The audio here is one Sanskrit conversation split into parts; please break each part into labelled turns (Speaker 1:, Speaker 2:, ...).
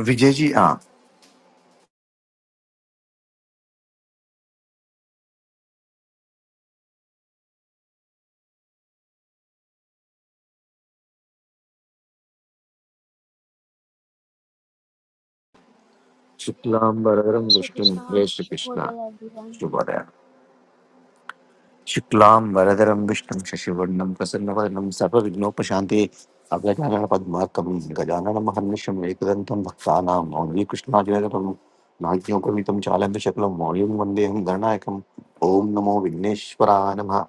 Speaker 1: विजय जी हाँ शुक्लाम वरदरम
Speaker 2: जय
Speaker 1: विष्णु
Speaker 2: श्रीकृष्ण
Speaker 1: जय श्री कृष्णा
Speaker 2: शुभोदय एव्रिवन्
Speaker 1: शुभोदय शुक्लाम वरदरम विष्णु शशिवर्णम प्रसन्न वदनम सर्व विघ्नोपशांति अभ्यजानन पद्मार्कम गजानन महर्निशम एकदंतम भक्तानां मौली कृष्णाजनकम नाज्ञोपमितं चालम्य शक्लं मौलिं वन्देऽहं गणनायकम् ॐ नमो विघ्नेश्वराय नमः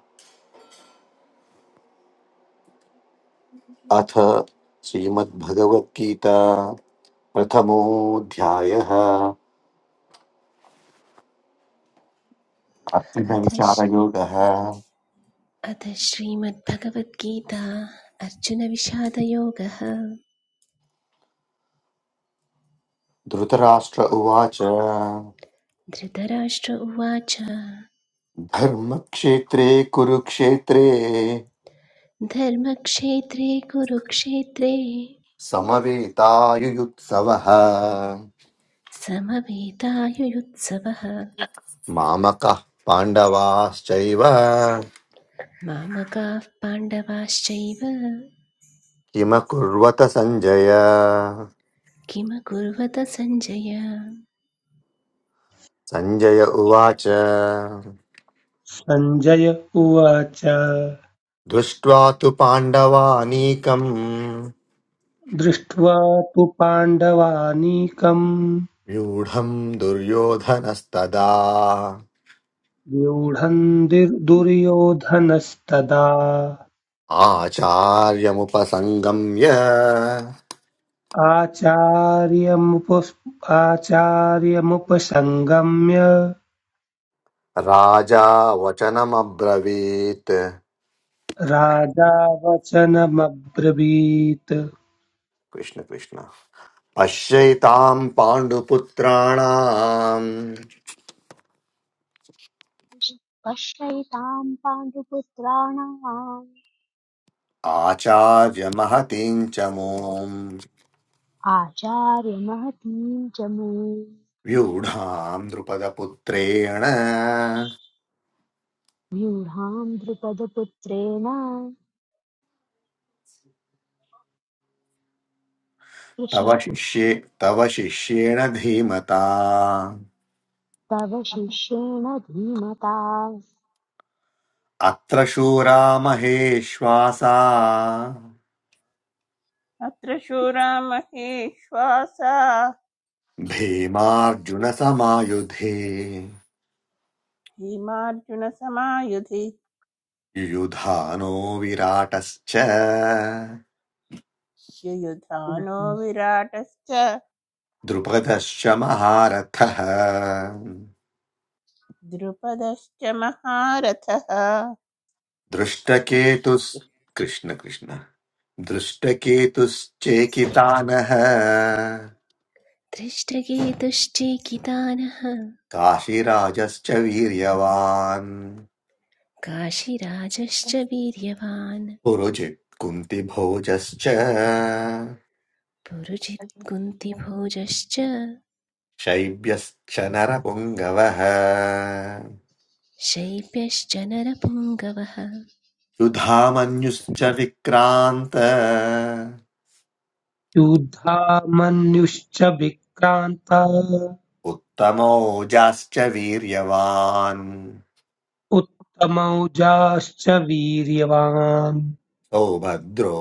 Speaker 1: अथ श्रीमद्भगवद्गीता प्रथमोऽध्यायः
Speaker 3: अथ श्-
Speaker 1: अर्थसञ्चारयोगः
Speaker 3: अथ श्रीमद्भगवद्गीता अर्जुनविषादयोगः
Speaker 1: धृतराष्ट्र उवाच
Speaker 3: धृतराष्ट्र उवाच
Speaker 1: धर्मक्षेत्रे कुरुक्षेत्रे
Speaker 3: धर्मक्षेत्रे कुरुक्षेत्रे
Speaker 1: समवेतायुयुत्सवः
Speaker 3: समवेतायुयुत्सवः
Speaker 1: मामकः पाण्डवाश्चैव
Speaker 3: मामकाः पाण्डवाश्चैव
Speaker 1: किमकुर्वत सञ्जय
Speaker 3: किमकुर्वत सञ्जय
Speaker 1: सञ्जय उवाच
Speaker 4: सञ्जय उवाच
Speaker 1: दृष्ट्वा तु पाण्डवानीकम्
Speaker 4: दृष्ट्वा तु पाण्डवानीकम्
Speaker 1: व्यूढम् दुर्योधनस्तदा
Speaker 4: व्यूढम् दिर्- दुर्योधनस्तदा
Speaker 1: आचार्यमुपसङ्गम्य
Speaker 4: आचार्यमुप- आचार्यमुपसङ्गम्य
Speaker 1: राजा वचनमब्रवीत्
Speaker 4: राजा वचनमब्रवीत्
Speaker 1: कृष्ण कृष्ण पश्यैताम् पाण्डुपुत्राणाम्
Speaker 2: पश्यैतां पाण्डुपुत्राणाम्
Speaker 1: आचार्यमहतीं च मोम्
Speaker 2: आचार्यमहतीं च मे
Speaker 1: व्यूढाम् द्रुपदपुत्रेण
Speaker 2: व्यूढां द्रुपदपुत्रेण कृष्ण
Speaker 1: तव शिष्ये तव शिष्येण धीमता
Speaker 2: तव शिष्येण धीमता
Speaker 1: अत्र शूरा महेश्वासा
Speaker 5: अत्र शूरा महेश्वासा
Speaker 1: भीमार्जुनसमायुधे
Speaker 5: भीमार्जुनसमायुधि
Speaker 1: युधानो विराटश्च
Speaker 5: युयुधानो विराटश्च
Speaker 1: द्रुपदश्च महारथः
Speaker 5: द्रुपदश्च महारथः कृष्ण
Speaker 1: दृष्टकेतुस्
Speaker 5: कृष्ण।
Speaker 1: कृष्ण कृष्ण दृष्टकेतुश्चेकितानः
Speaker 3: दृष्टगेतुश्चेकितानः
Speaker 1: काशीराजश्च वीर्यवान्
Speaker 3: काशीराजश्च वीर्यवान्
Speaker 1: पुरुजित् कुन्तिभोजश्च
Speaker 3: पुरुजित् कुन्तिभोजश्च
Speaker 1: शैब्यश्च नरपुङ्गवः
Speaker 3: शैब्यश्च नरपुङ्गवः
Speaker 1: युधामन्युश्च विक्रान्त
Speaker 4: युद्धामन्युश्च विक्रान्त
Speaker 1: उत्तमोजाश्च वीर्यवान्
Speaker 4: उत्तमौजाश्च वीर्यवान्
Speaker 1: सौभद्रो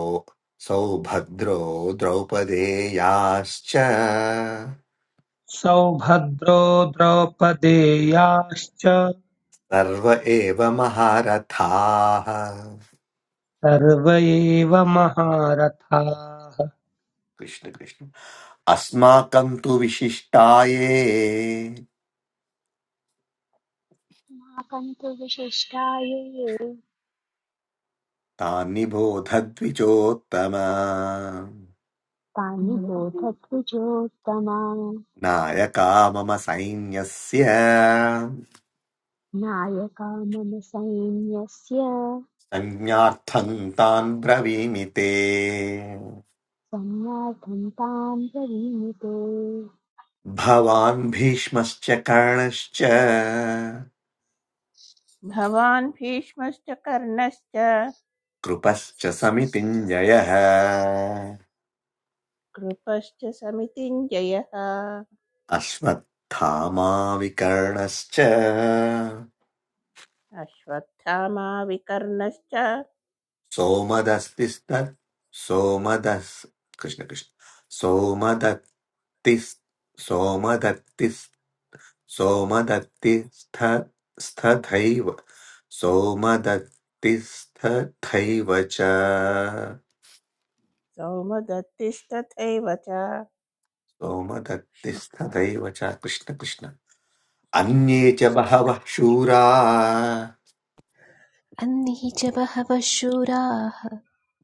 Speaker 1: सौभद्रो द्रौपदेयाश्च
Speaker 4: सौभद्रो द्रौपदेयाश्च
Speaker 1: सर्व एव महारथाः
Speaker 4: सर्व एव महारथाः
Speaker 1: कृष्ण कृष्ण अस्माकं तु विशिष्टाये
Speaker 2: अस्माकं तु विशिष्टाये
Speaker 1: तानि बोधद्विजोत्तम
Speaker 2: तानि बोधत्वचोत्तमा
Speaker 1: नायका मम सैन्यस्य
Speaker 2: नायका मम सैन्यस्य
Speaker 1: संज्ञार्थं तान् ब्रवीमि ते
Speaker 2: सन्नार्थं तां प्रवीणुते
Speaker 1: भवान् भीष्मश्च कर्णश्च
Speaker 5: भवान् भीष्मश्च कर्णश्च
Speaker 1: कृपश्च समितिञ्जयः
Speaker 5: कृपश्च समितिञ्जयः
Speaker 1: अश्वत्थामा विकर्णश्च
Speaker 5: अश्वत्थामा विकर्णश्च
Speaker 1: सोमदस्तिस्त सोमदस् कृष्ण कृष्ण सोमदत्तिस् सोमदत्तिस् सोमदत्तिस्थ स्थथैव सोमदत्तिस्थथैव च
Speaker 5: सौमदत्तिस्तथैव च कृष्ण
Speaker 1: सोमदत्तिस्थथैव च कृष्ण कृष्ण अन्ये
Speaker 5: कृष्ण
Speaker 1: च
Speaker 5: कृष्ण।
Speaker 1: बहवः शूरा
Speaker 3: अन्ये च बहवः शूराः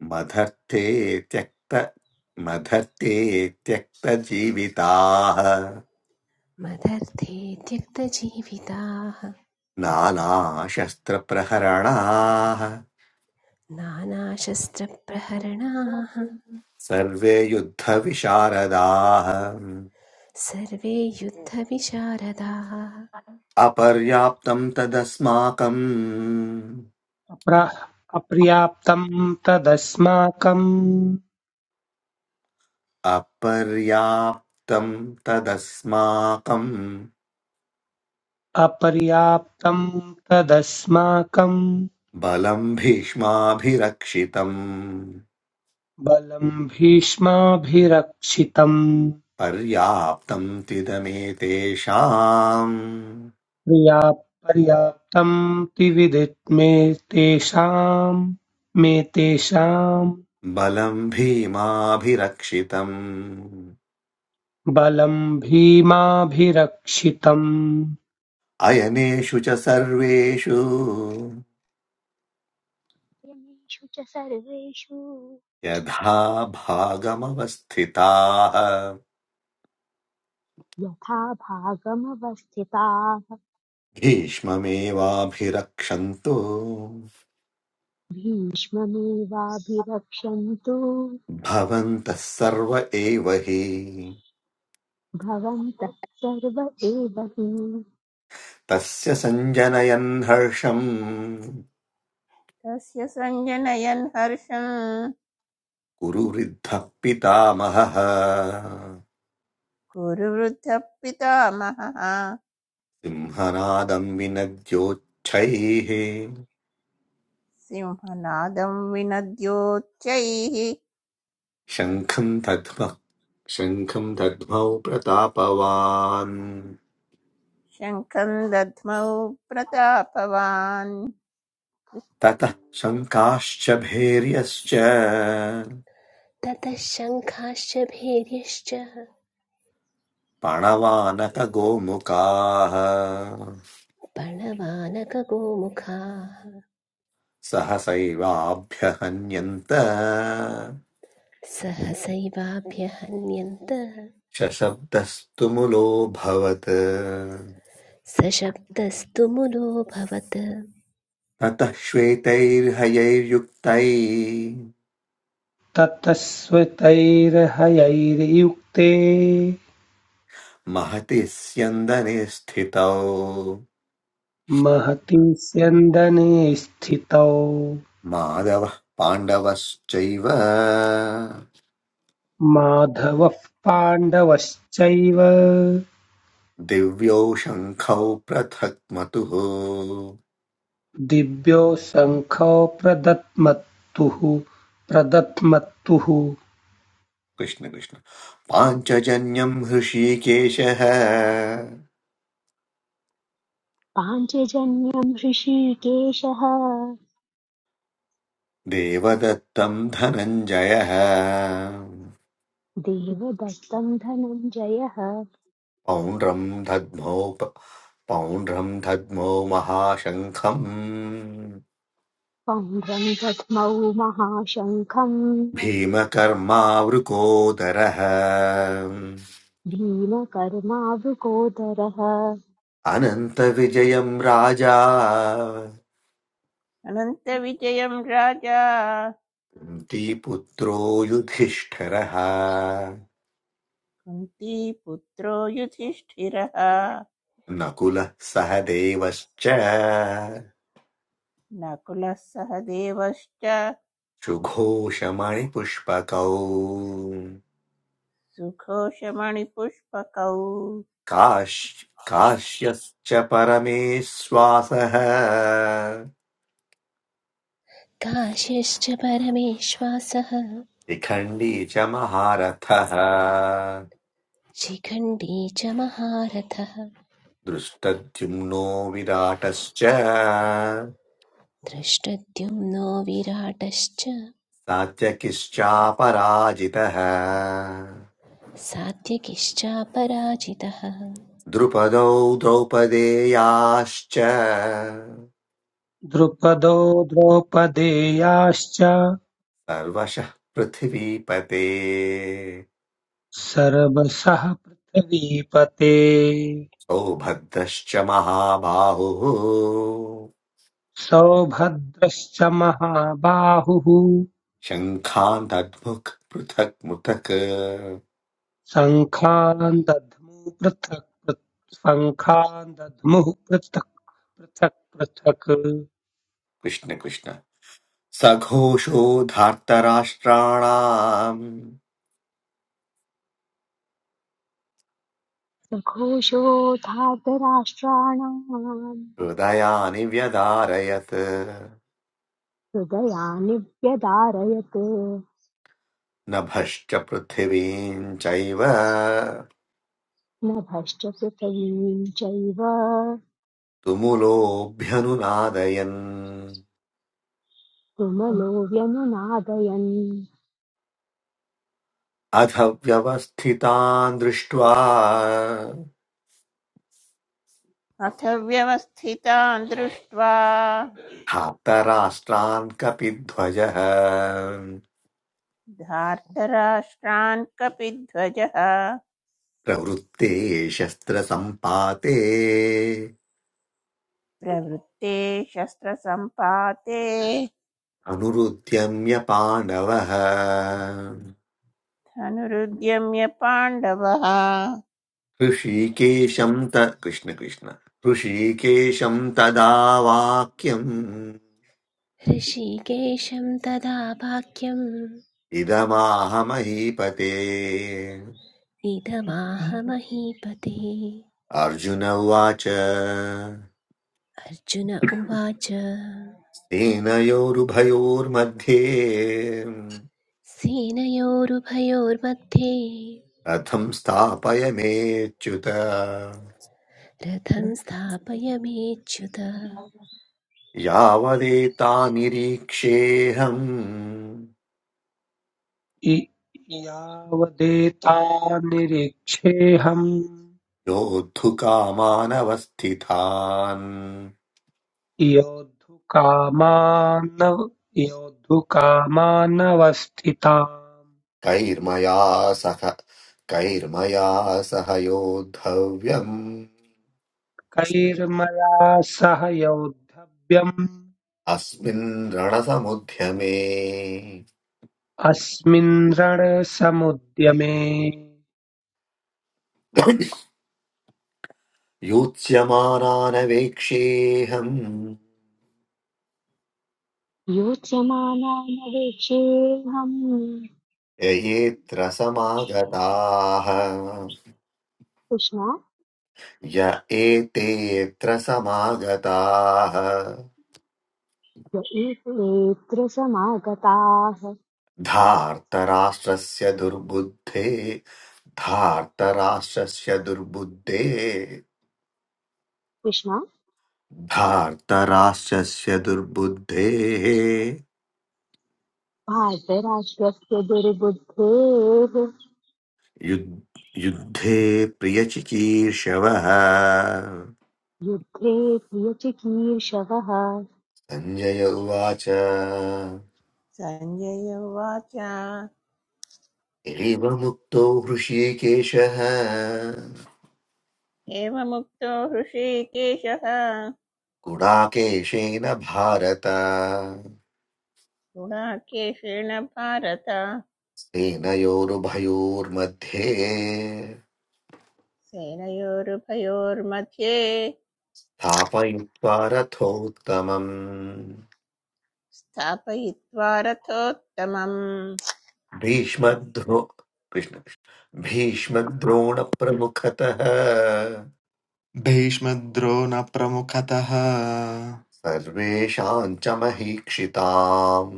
Speaker 1: मदर्थे त्यक्त मदर्थे त्यक्तजीविताः
Speaker 3: मदर्थे त्यक्तजीविताः
Speaker 1: नानाशस्त्रप्रहरणाः
Speaker 3: नानाशस्त्रप्रहरणाः
Speaker 1: सर्वे युद्धविशारदाः
Speaker 3: सर्वे युद्धविशारदाः
Speaker 1: अपर्याप्तं तदस्माकम्
Speaker 4: अप्रा- अपर्याप्तं तदस्माकम्
Speaker 1: अपर्याप्तं तदस्माकं
Speaker 4: अपर्याप्तं तदस्माकम्
Speaker 1: बलं भीष्माभिरक्षितम्
Speaker 4: बलं भीष्माभिरक्षितम्
Speaker 1: पर्याप्तं तिदमेतेषाम्
Speaker 4: पर्या पर्याप्तं त्रिविदित्मे तेषां मे तेषां
Speaker 1: बलं भीमाभिरक्षितम्
Speaker 4: बलं भीमाभिरक्षितम्
Speaker 1: अयनेषु च सर्वेषु
Speaker 2: यमीषु च सर्वेषु
Speaker 1: यथा भागमवस्थिताः
Speaker 2: यथा भागमवस्थिताः
Speaker 1: भीष्ममेवाभिरक्षन्तु
Speaker 2: भीष्ममेवाभिरक्ष्यन्तु
Speaker 1: भवन्तः सर्व एव हि
Speaker 2: भवन्तः सर्व एव हि
Speaker 1: तस्य सञ्जनयन् हर्षम्
Speaker 5: तस्य सञ्जनयन् हर्षम्
Speaker 1: कुरुवृद्धः पितामहः
Speaker 5: कुरुवृद्धः पितामहः
Speaker 1: सिंहनादम् विनद्योच्छैः
Speaker 5: सिंहनादं विनद्योच्चैः
Speaker 1: शङ्खं दद्मः शङ्खं दद्मौ प्रतापवान्
Speaker 5: शङ्खं दध्मौ प्रतापवान्
Speaker 1: ततः शङ्खाश्च भैर्यश्च
Speaker 3: ततः शङ्खाश्च भेर्यश्च
Speaker 1: प्रणवानकगोमुखाः
Speaker 3: पणवानकगोमुखाः
Speaker 1: सहसैवाभ्यहन्यन्त
Speaker 3: सहसैवाभ्यहन्यन्त
Speaker 1: शशब्दस्तु मुलोऽभवत्
Speaker 3: सशब्दस्तु मुलोऽभवत्
Speaker 1: ततः श्वेतैर्हयैर्युक्तै
Speaker 4: ततस्वितैर्हयैर्युक्ते
Speaker 1: महति स्यन्दने स्थितौ
Speaker 4: महति स्यन्दने स्थितौ
Speaker 1: माधवः पाण्डवश्चैव
Speaker 4: माधवः पाण्डवश्चैव
Speaker 1: दिव्यौ शङ्खौ पृथक् मतुः
Speaker 4: दिव्यो शङ्खौ प्रदत्मत्तुः प्रदत्मत्तुः
Speaker 1: कृष्ण कृष्ण पाञ्चजन्यम् हृषीकेशः
Speaker 2: पाञ्चजन्यम् ऋषिकेशः
Speaker 1: देवदत्तम् धनञ्जयः
Speaker 2: देवदत्तम् धनञ्जयः
Speaker 1: पौण्ड्रम् दद्मौ प- पौण्ड्रम् दद्मौ महाशङ्खम्
Speaker 2: पौण्ड्रम् दध्मौ महाशङ्खम्
Speaker 1: भीमकर्मावृकोदरः
Speaker 2: भीमकर्मावृकोदरः
Speaker 1: अनन्तविजयम् राजा
Speaker 5: अनन्तविजयं राजा
Speaker 1: कुन्ती पुत्रो युधिष्ठिरः
Speaker 5: कुन्तीपुत्रो युधिष्ठिरः
Speaker 1: नकुलः सह देवश्च
Speaker 5: नकुलः सह देवश्च
Speaker 1: शुघोषमणिपुष्पकौ
Speaker 5: सुघोषमणिपुष्पकौ
Speaker 1: काश् काश्यश्च परमेश्वासः
Speaker 3: काश्यश्च परमेश्वासः
Speaker 1: शिखण्डी च महारथः
Speaker 3: शिखण्डी च महारथः
Speaker 1: दृष्टद्युम्नो विराटश्च
Speaker 3: दृष्टद्युम्नो विराटश्च
Speaker 1: सात्यकिश्चापराजितः
Speaker 3: सात्यकिश्चापराजितः
Speaker 1: द्रुपदौ द्रौपदेयाश्च
Speaker 4: द्रुपदो द्रौपदेयाश्च
Speaker 1: सर्वशः पृथिवीपते
Speaker 4: सर्वशः पृथिवीपते
Speaker 1: सौभद्रश्च महाबाहुः
Speaker 4: सौभद्रश्च महाबाहुः
Speaker 1: शङ्खान्तद्मुक् पृथक् पृथक्
Speaker 4: शङ्खान् दध्मुः पृथक् पृथक् शङ्खान् दध्मुः पृथक् पृथक् पृथक्
Speaker 1: कृष्ण कृष्ण सघोषो धार्तराष्ट्राणाम्
Speaker 2: सघोषोऽथातराष्ट्राणाम्
Speaker 1: हृदयानि व्यदारयत्
Speaker 2: हृदया निव्यदारयत्
Speaker 1: नभश्च पृथिवीम् चैव
Speaker 2: नभश्च पृथिवीं चैव
Speaker 1: तुमुलोऽभ्यनुनादयन्
Speaker 2: तुमलो व्यनुनादयन्
Speaker 1: अथ व्यवस्थितान् दृष्ट्वा
Speaker 5: अथ व्यवस्थितान् दृष्ट्वा
Speaker 1: धातराष्ट्रान् कपिध्वजः
Speaker 5: धार्तराष्ट्रान् कपिध्वजः
Speaker 1: प्रवृत्ते शस्त्रसम्पाते
Speaker 5: प्रवृत्ते शस्त्रसम्पाते
Speaker 1: अनुरुद्यम्य पाण्डवः
Speaker 5: धनुरुद्यम्य पाण्डवः
Speaker 1: ऋषिकेशं त कृष्णकृष्ण ऋषिकेशं तदा वाक्यम्
Speaker 3: ऋषिकेशं तदा वाक्यम्
Speaker 1: इदमाहमहीपते
Speaker 3: इदमाह महीपते
Speaker 1: अर्जुन उवाच
Speaker 3: अर्जुन उवाच
Speaker 1: तेनयोरुभयोर्मध्ये
Speaker 3: सेनयोरुभयोर्मध्ये
Speaker 1: रथं स्थापयमेच्युत
Speaker 3: रथं स्थापयमेच्युत
Speaker 1: यावदेतानिरीक्षेऽहम्
Speaker 4: इ- यावदेतान्निरीक्षेऽहम्
Speaker 1: योद्धुकामानवस्थितान्
Speaker 4: योद्धुकामानव योद्धुकामानवस्थिताम्
Speaker 1: कैर्मया सह कैर्मया सह योद्धव्यम्
Speaker 4: कैर्मया सह योद्धव्यम्
Speaker 1: अस्मिन् रणसमुद्यमे
Speaker 4: अस्मिन् रणसमुद्यमे
Speaker 1: युत्स्यमानानवेक्षेऽहम्
Speaker 2: योत्स्यमानानवेक्षेऽहम्
Speaker 1: ययेऽत्र समागताः
Speaker 2: कृष्णा
Speaker 1: य एतेऽत्र समागताः
Speaker 2: य एतेऽत्र समागताः
Speaker 1: धार्तराष्ट्रस्य दुर्बुद्धे धार्तराष्ट्रस्य दुर्बुद्धे
Speaker 2: कृष्ण
Speaker 1: धार्तराष्ट्रस्य दुर्बुद्धेः
Speaker 2: भारतराष्ट्रस्य दुर्बुद्धेः
Speaker 1: युद्- युद्धे प्रियचिकीर्षवः
Speaker 2: युद्धे प्रियचिकीर्षवः
Speaker 1: सञ्जय उवाच
Speaker 5: सञ्जय उवाच
Speaker 1: एवमुक्तो हृषीकेशः
Speaker 5: एवमुक्तो हृषीकेशः
Speaker 1: गुणाकेशेन भारत
Speaker 5: गुणाकेशेण भारत
Speaker 1: सेनयोरुभयोर्मध्ये
Speaker 5: सेनयोरुभयोर्मध्ये
Speaker 1: स्थापयित्वा रथोत्तमम्
Speaker 5: स्थापयित्वा रथोत्तमम्
Speaker 1: भीष्मद्रो कृष्ण भीष्मद्रोणप्रमुखतः
Speaker 6: भीष्मद्रोण प्रमुखतः
Speaker 1: सर्वेषाम् च महीक्षिताम्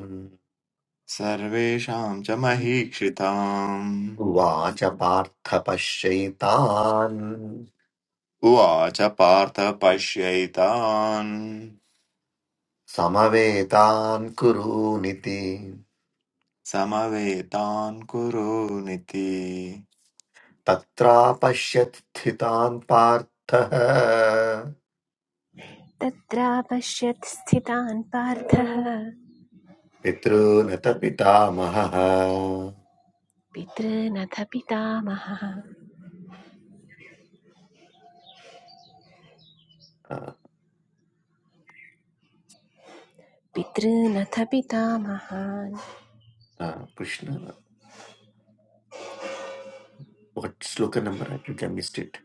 Speaker 6: सर्वेषां च महीक्षिताम्
Speaker 1: उवाच पार्थ पश्यैतान्
Speaker 6: उवाच पार्थ पश्यैतान्
Speaker 1: समवेतान् कुरूनिति
Speaker 6: समवेतान् कुरूनिति
Speaker 1: तत्रापश्यत्स्थितान् पार्थः
Speaker 3: तत्रापश्यत् स्थितान् पार्थः
Speaker 1: पितॄन् त पितामहः
Speaker 3: पितृनथ पितामहः
Speaker 1: Uh,
Speaker 3: पितॄनथ पितामहान्
Speaker 1: uh, Krishna what shloka number I think I missed it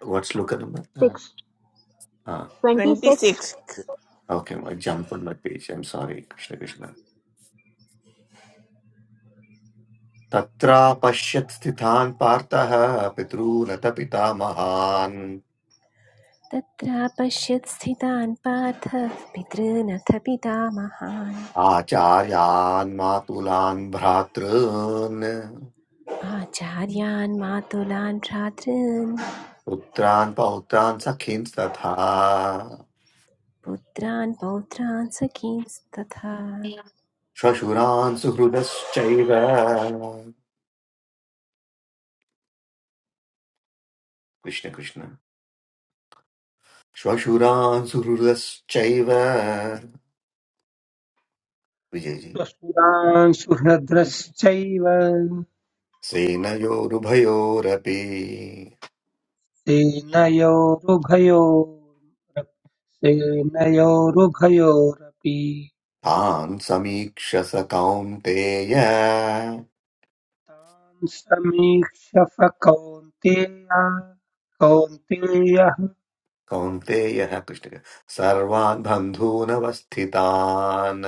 Speaker 1: what shloka number
Speaker 2: six
Speaker 1: Ah,
Speaker 2: twenty
Speaker 5: twenty
Speaker 2: six
Speaker 5: six
Speaker 1: okay, I jumped on my page. I'm sorry, Krishna Krishna. Tatra pashyat stithan partah pitru nata pitamahan
Speaker 3: तत्र पश्यत् स्थितान् पार्थ पितॄनथ पितामहान्
Speaker 1: acharyan matulan bhratrun
Speaker 3: आचार्यान् मातुलान् भ्रातॄन्
Speaker 1: putran pautran sakhin tatha
Speaker 3: पुत्रान् पौत्रान् सखींस्तथा
Speaker 1: श्वशुरान् सुहृदश्चैव कृष्ण कृष्ण श्वशुरान् सुहृदश्चैव विजयजी
Speaker 4: स्वसुरान् सुहृद्रश्चैव
Speaker 1: सेनयोरुभयोरपि
Speaker 4: सेनयोरुभयोर्- सेनयोरुभयोरपि
Speaker 1: तान् समीक्ष स कौन्तेय
Speaker 4: तान् समीक्ष्य स कौन्तेय कौन्तेयः
Speaker 1: कौन्तेयः कृष्ण सर्वान् बन्धूनवस्थितान्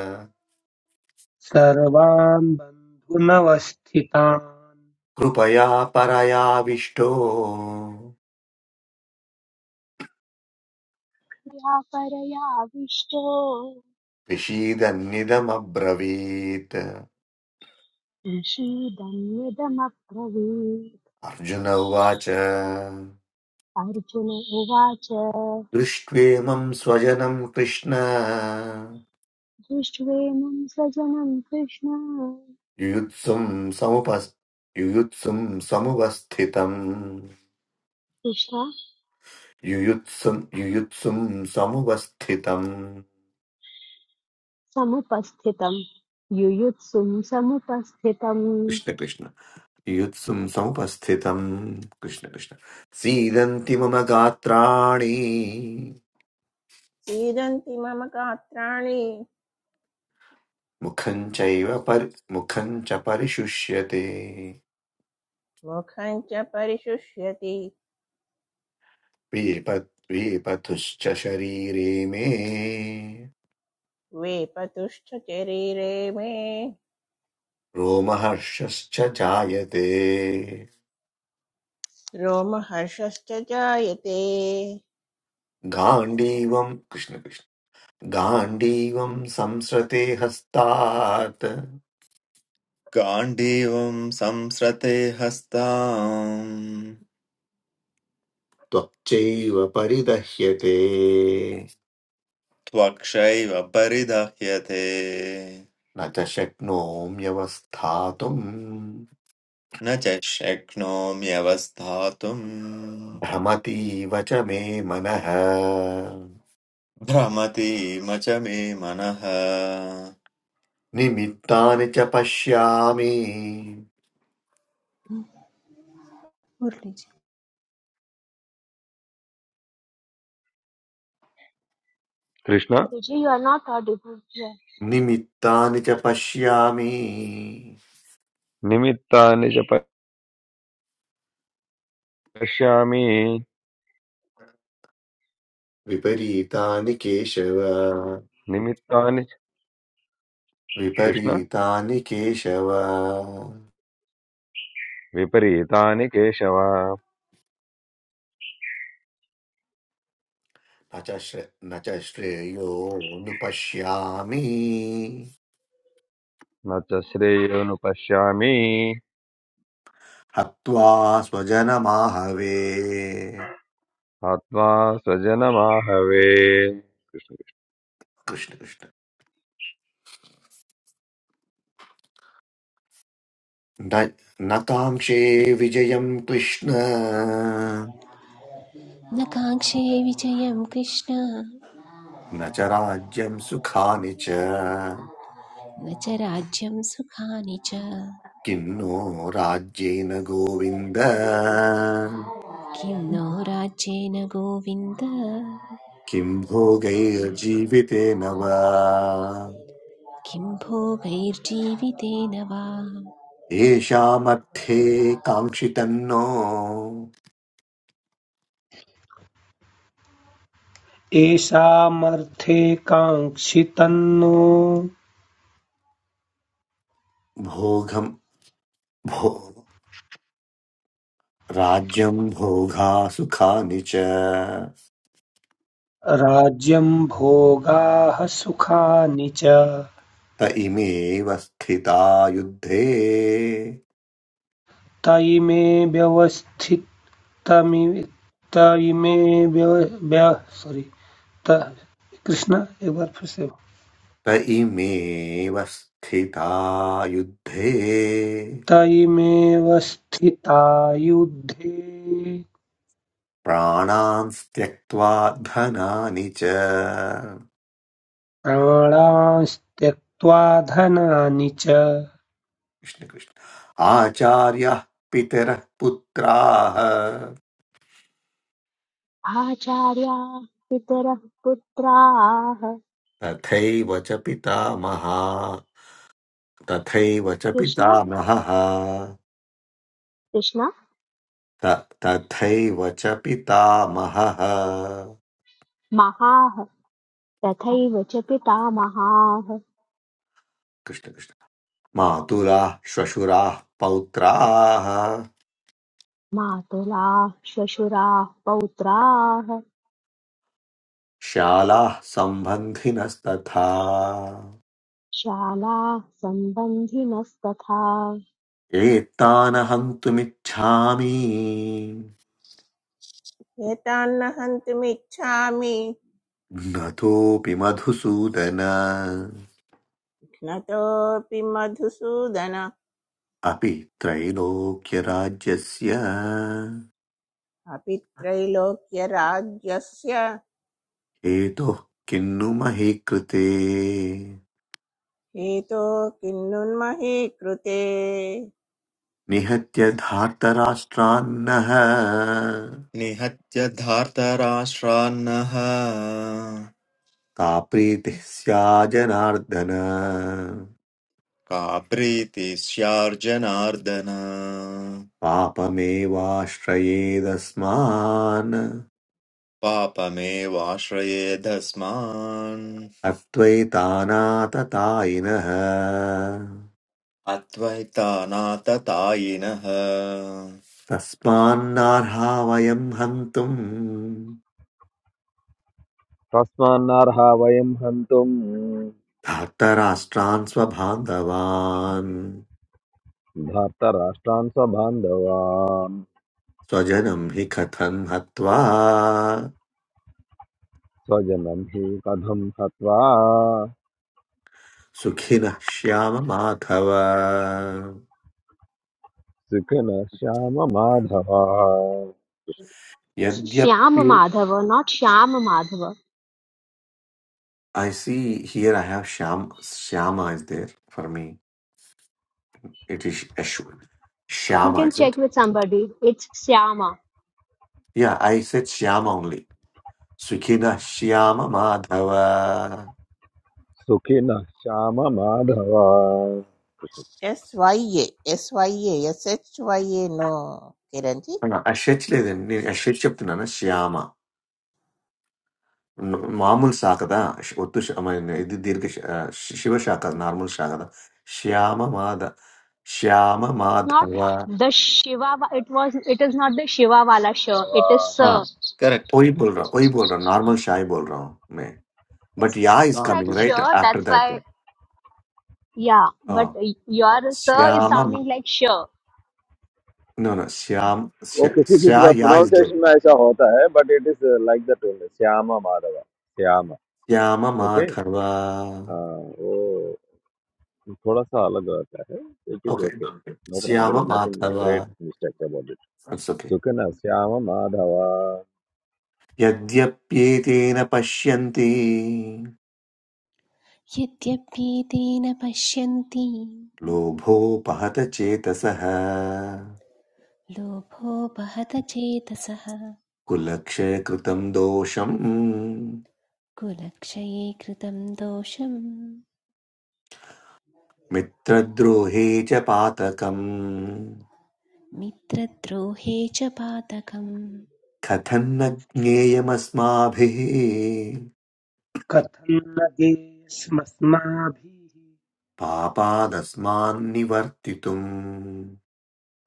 Speaker 4: सर्वान् बन्धुनवस्थितान्
Speaker 1: कृपया परयाविष्टो
Speaker 2: या परयाविष्टो
Speaker 1: विषीदन्निदमब्रवीत्
Speaker 2: ईषीदन्यदमब्रवीत्
Speaker 1: अर्जुन उवाच
Speaker 2: अर्जुन उवाच
Speaker 1: दृष्ट्वेमं स्वजनं कृष्ण
Speaker 2: दृष्ट्वेमं सजनं कृष्ण
Speaker 1: युयुत्सुं समुप युयुत्सुं समुपस्थितम्
Speaker 2: कृष्ण
Speaker 1: युयुत्सुं युयुत्सुं समुपस्थितम्
Speaker 2: समुपस्थितं युयुत्सुं समुपस्थितम्
Speaker 1: कृष्ण कृष्ण युयुत्सुं समुपस्थितम् कृष्ण कृष्ण सीदन्ति मम गात्राणि
Speaker 5: सीदन्ति मम गात्राणि
Speaker 1: मुखं चैव परि मुखं च परिशुष्यते
Speaker 5: मुखं च परिशुष्यति
Speaker 1: विपत् विपथुश्च शरीरे मे
Speaker 5: वेपतुश्च शरीरे मे
Speaker 1: रोमहर्षश्च जायते
Speaker 5: रोमहर्षश्च जायते कृष्ण कृष्ण।
Speaker 1: गाण्डीवम् कृष्णकृष्ण गाण्डीवम् संसृते हस्तात्
Speaker 6: गाण्डीवम् संसृते हस्ताम्
Speaker 1: त्वच्चैव परिदह्यते
Speaker 6: त्वक्षैव परिदह्यते
Speaker 1: न च शक्नोम्यवस्थातुम्
Speaker 6: न च शक्नोम्यवस्थातुम्
Speaker 1: भ्रमतीव च मे मनः
Speaker 6: भ्रमतीम च मे मनः
Speaker 1: निमित्तानि च पश्यामि
Speaker 3: मुरलीजी
Speaker 7: Krishna
Speaker 2: Guruji, you are not audible here.
Speaker 1: निमित्तानि च पश्यामि
Speaker 7: నిమిత్తాని చ పశ్యామి
Speaker 1: विपरीतानि केशव
Speaker 7: నిమిత్తాని చ- కృష్ణ
Speaker 1: विपरीतानि केशव
Speaker 7: విపరీతాని కేశవ
Speaker 1: न च श्र- न च श्रेयोनुपश्यामि
Speaker 7: నచ శ్రేయోను పశ్యామి
Speaker 1: हत्वा स्वजनमाहवे
Speaker 7: ఆత్మా స్వజనమాహవే
Speaker 1: कृष्ण कृष्ण न न काङ्क्षे विजयं कृष्ण
Speaker 3: न काङ्क्षे विजयं कृष्ण न
Speaker 1: न च राज्यं सुखानि च
Speaker 3: च राज्यं सुखानि च
Speaker 1: किं नो राज्येन गोविन्द
Speaker 3: किं नो राज्येन गोविन्द
Speaker 1: किं भोगैर्जीवितेन वा
Speaker 3: किं भोगैर्जीवितेन वा
Speaker 1: येषामर्थे काङ्क्षितन्नो
Speaker 4: येषामर्थे काङ्क्षितन्नो
Speaker 1: भोगं भो राज्यं भोगा सुखानि च
Speaker 4: राज्यं भोगाः सुखानि च
Speaker 1: त इमेव स्थिता युद्धे
Speaker 4: त इमे व्यवस्थितमि त इमे व्यव- व्य- sorry, कृष्णा एक बार फिर से
Speaker 1: त इमेव स्थिता युद्धे
Speaker 4: तयिमेव स्थिता युद्धे
Speaker 1: प्राणान् त्यक्त्वा धनानि च
Speaker 4: प्राणास्त्यक्त्वा धनानि च
Speaker 1: कृष्णकृष्ण आचार्यः पितरः पुत्राः
Speaker 2: आचार्या पितरः पुत्राः
Speaker 1: तथैव च पितामहः तथैव च
Speaker 2: कृष्ण
Speaker 1: पितामहः
Speaker 2: कृष्ण
Speaker 1: त- तथैव च पितामहः
Speaker 2: महाः तथैव च पितामहाः
Speaker 1: कृष्ण कृष्ण मातुराः श्वशुराः पौत्राः
Speaker 2: मातुलाः श्वशुराः पौत्राः
Speaker 1: शालाः सम्बन्धिनस्तथा
Speaker 2: शालाः सम्बन्धिनस्तथा
Speaker 1: एतान् हन्तुमिच्छामि
Speaker 5: एतान्न हन्तुमिच्छामि
Speaker 1: न तोऽपि मधुसूदन
Speaker 5: नतोऽपि मधुसूदन
Speaker 1: अपि त्रैलोक्यराज्यस्य
Speaker 5: अपि त्रैलोक्यराज्यस्य
Speaker 1: हेतुः किन्नु महि कृते
Speaker 5: हेतो किन्नुन्महे कृते
Speaker 1: निहत्य धार्तराष्ट्रान्नः
Speaker 6: निहत्य धार्तराष्ट्रान्नः
Speaker 1: का प्रीतिः स्याजनार्दन
Speaker 6: का प्रीति स्यार्जनार्दन
Speaker 1: पापमेवाश्रयेदस्मान्
Speaker 6: पापमेवाश्रयेधस्मान्
Speaker 1: अत्वैतानाततायिनः
Speaker 6: अद्वैतानाततायिनः
Speaker 1: तस्मान्नार्हा वयम् हन्तुम्
Speaker 7: తస్మాన్నర్హ వయం హంతుం
Speaker 1: धार्तराष्ट्रान् स्वबान्धवान्
Speaker 7: ధార్తరాష్ట్రాన్ స్వబాంధవాన్
Speaker 1: स्वजनम् हि कथम् हत्वा
Speaker 7: స్వజనం హి కథం హత్వా
Speaker 1: सुखिनः श्याम माधव
Speaker 7: సుఖిన శ్యామ మాధవ
Speaker 2: It's Syama
Speaker 1: यद्यप्ये
Speaker 2: Madhava, not Shyama Madhava.
Speaker 1: I see here. I have Shyam. Shyama is there for me. It is Ashwin.
Speaker 2: You
Speaker 1: Shyama,
Speaker 2: can check
Speaker 1: isn't?
Speaker 2: with somebody. It's Syama.
Speaker 1: Yeah, I said Shyama only. Swikeda Shyama Madhava.
Speaker 7: సుఖిన శ్యామ Madhava
Speaker 5: S Y A S Y A S H वै ए नो किरञ्जि
Speaker 1: No, Ashishle then. You Ashishipt na na Shyama. Normal saga da. Othu shammay. This dearke Shiva saga normal saga da. Shyama Madh Shyama
Speaker 2: It's not
Speaker 1: Madhava.
Speaker 2: the Shiva. wa- It was. It is not the Shiva wala sure. It is
Speaker 1: Ah,
Speaker 2: Sir.
Speaker 6: Correct
Speaker 1: Oi bolra. Oi bolra. Normal shy bolrao me. But
Speaker 2: It's
Speaker 1: Ya is
Speaker 2: sounding like
Speaker 1: coming right
Speaker 2: sure.
Speaker 1: after
Speaker 2: That's
Speaker 1: that.
Speaker 2: why. Yeah, but
Speaker 1: Ah.
Speaker 2: your Sir is
Speaker 1: श्यामम
Speaker 2: sounding like sure.
Speaker 1: no no श्याम
Speaker 7: वो
Speaker 1: श्या
Speaker 7: किसी किसी का
Speaker 1: श्या- या is good
Speaker 7: प्रोनाउंसिएशन में ऐसा होता है but it is like that only श्यामा माधव श्यामा
Speaker 1: श्याम
Speaker 7: ओके
Speaker 1: माधव
Speaker 7: वो थोड़ा सा अलग रहता है it is
Speaker 1: okay
Speaker 7: okay no problem there
Speaker 1: श्याम
Speaker 7: is nothing
Speaker 1: Madhava
Speaker 7: great mistake about it
Speaker 1: it's okay
Speaker 7: सुकन श्याम माधव
Speaker 1: यद्यप्येतेन पश्यन्ति
Speaker 3: यद्यप्येते न पश्यन्ति
Speaker 1: लोभोपहत चेतसः
Speaker 3: लोभोपहत चेतसः
Speaker 1: कुलक्षयकृतं दोषम्
Speaker 3: कुलक्षये कृतं दोषम्
Speaker 1: मित्रद्रोहे च पातकम्
Speaker 3: मित्रद्रोहे च पातकम्
Speaker 1: कथन्न ज्ञेयमस्माभिः
Speaker 4: कथं न देयस्मस्माभिः
Speaker 1: पापादस्मान्निवर्तितुम्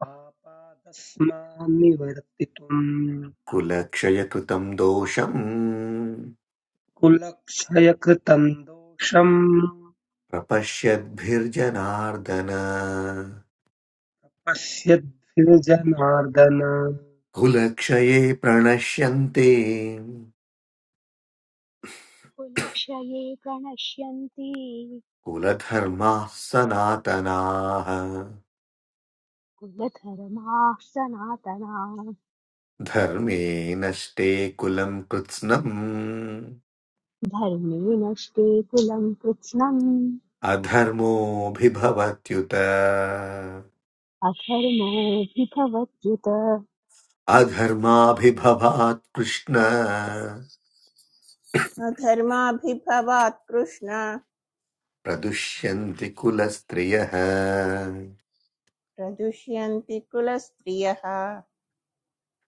Speaker 4: पापादस्मान् निवर्तितुम्
Speaker 1: कुलक्षयतु तं दोषम्
Speaker 4: कुलक्षय कृतं दोषम्
Speaker 1: प्रपश्यद्भिर्जनार्दन
Speaker 4: पश्यद्भिर्जनार्दन
Speaker 1: कुलक्षये प्रणश्यन्ते
Speaker 2: Kulakshaye pranashyanti
Speaker 1: कुलधर्माः सनातनाः
Speaker 2: kuladharma sanatana
Speaker 1: धर्मे नष्टे कुलम् कृत्स्नम्
Speaker 2: dharme naste kulam kritsnam
Speaker 1: अधर्मोऽभिभवत्युत
Speaker 2: अधर्मो हि भवत्युत
Speaker 1: अधर्माभिभवात् कृष्ण
Speaker 5: अधर्माभिभवात् कृष्ण
Speaker 1: प्रदुष्यन्ति कुलस्त्रियः
Speaker 5: प्रदुष्यन्ति कुलस्त्रियः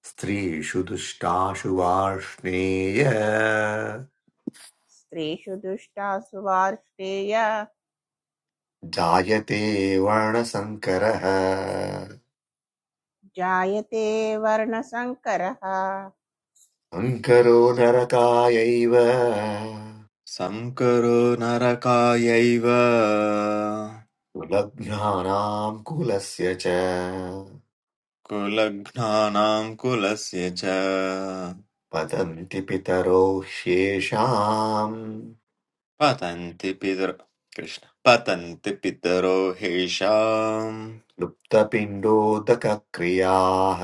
Speaker 1: स्त्रीषु दुष्टाशु वार्ष्णेय
Speaker 5: स्त्रीषु दुष्टासु वार्ष्णेय
Speaker 1: जायते वर्णसङ्करः शङ्करो
Speaker 5: जायते वर्णसङ्करः
Speaker 1: नरकायैव
Speaker 6: संकरो नरकायैव
Speaker 1: कुलभ्यानाम् कुलस्य च
Speaker 6: कुलघ्नानां कुलस्य च
Speaker 1: पतन्ति पितरो ह्येषाम्
Speaker 6: पतन्ति पितर कृष्ण पतन्ति पितरो हेषाम्
Speaker 1: लुप्तपिण्डोदकक्रियाः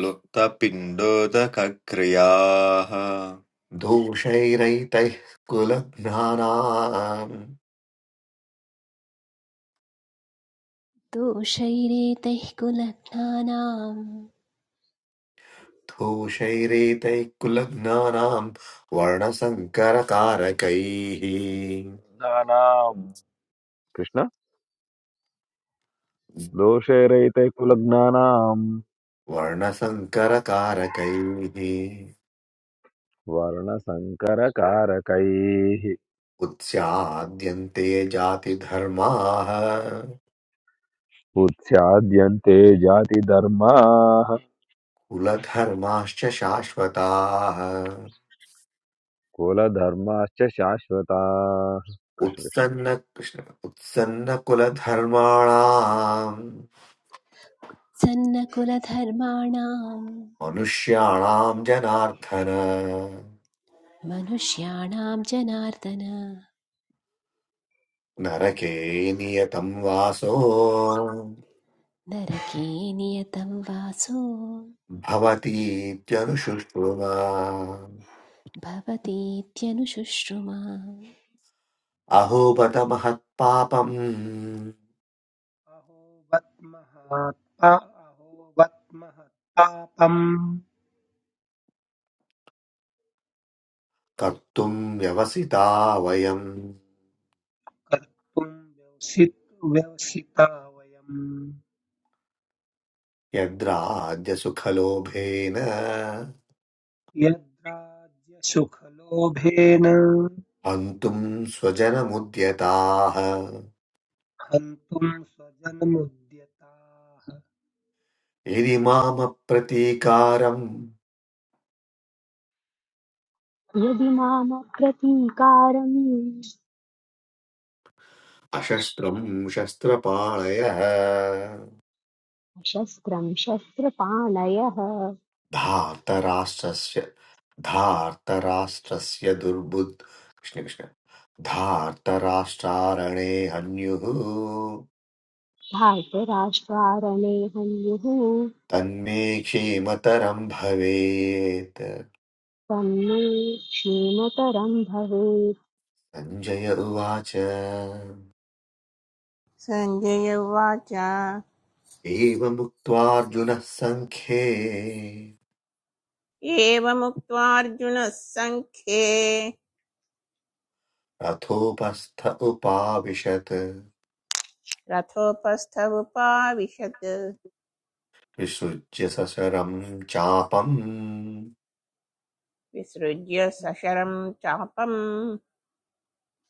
Speaker 6: लुप्तपिण्डोदकक्रियाः
Speaker 1: दोषैरैतैः कुलघ्नानाम्
Speaker 3: दोषैरेतैः कुलघ्नानां
Speaker 1: धूषैरेतैः कुलघ्नानाम् वर्णसङ्करकारकैः
Speaker 7: नानाम कृष्ण दोषे रहिते कुलज्ञानाम
Speaker 1: वर्णसङ्करकारकैः
Speaker 7: वर्ण संकर कारकैः
Speaker 1: उत्स्याद्यन्ते जातिधर्माः
Speaker 7: उत्स्याद्यन्ते जाति धर्माः
Speaker 1: कुलधर्माश्च शाश्वताः
Speaker 7: कुलधर्माश्च शाश्वताः कृष्ण कृष्ण
Speaker 1: उत्सन्न कृष्ण उत्सन्नकुलधर्माणाम्
Speaker 3: सन्नकुलधर्माणां
Speaker 1: मनुष्याणाम् जनार्दन
Speaker 3: मनुष्याणां जनार्दन
Speaker 1: नरके नियतम् वासो
Speaker 3: नरके नियतं वासो
Speaker 1: भवतीत्यनुशुश्रुवा
Speaker 3: भवतीत्यनुशुश्रुमा
Speaker 1: अहोबत महत्पापम्
Speaker 4: अहो वत्महात्पा अहो वत्महत्पापम्
Speaker 1: कर्तुम् व्यवसिता वयम्
Speaker 4: कर्तुं व्यवसित- व्यवसिता वयं
Speaker 1: यद्राज्यसुखलोभेन
Speaker 4: यद्राज्यसुखलोभेन
Speaker 1: हन्तुम् स्वजनमुद्यताः
Speaker 4: हन्तुं स्वजनमुद्यताः
Speaker 1: यदि मामप्रतीकारम्
Speaker 2: यदि मामप्रतीकारम्
Speaker 1: अशस्त्रम् शस्त्रपाणयः
Speaker 2: शस्त्रं शस्त्रपाणयः
Speaker 1: धार्तराष्ट्रस्य धार्तराष्ट्रस्य दुर्बुद् कृष्ण कृष्ण धार्तराष्ट्रारणे हन्युः
Speaker 2: धार्तराष्ट्रारणे हन्युः
Speaker 1: तन्मे क्षेमतरं भवेत्
Speaker 2: तं मे क्षेमतरं भवेत्
Speaker 1: सञ्जय उवाच
Speaker 5: संजय उवाच
Speaker 1: एवमुक्त्वार्जुनः सङ्ख्ये
Speaker 5: एवमुक्त्वा अर्जुनः सङ्ख्ये
Speaker 1: रथोपस्थ उपाविशत्
Speaker 5: रथोपस्थ उपाविशत्
Speaker 1: विसृज्य सशरम् चापम्
Speaker 5: विसृज्य सशरं चापं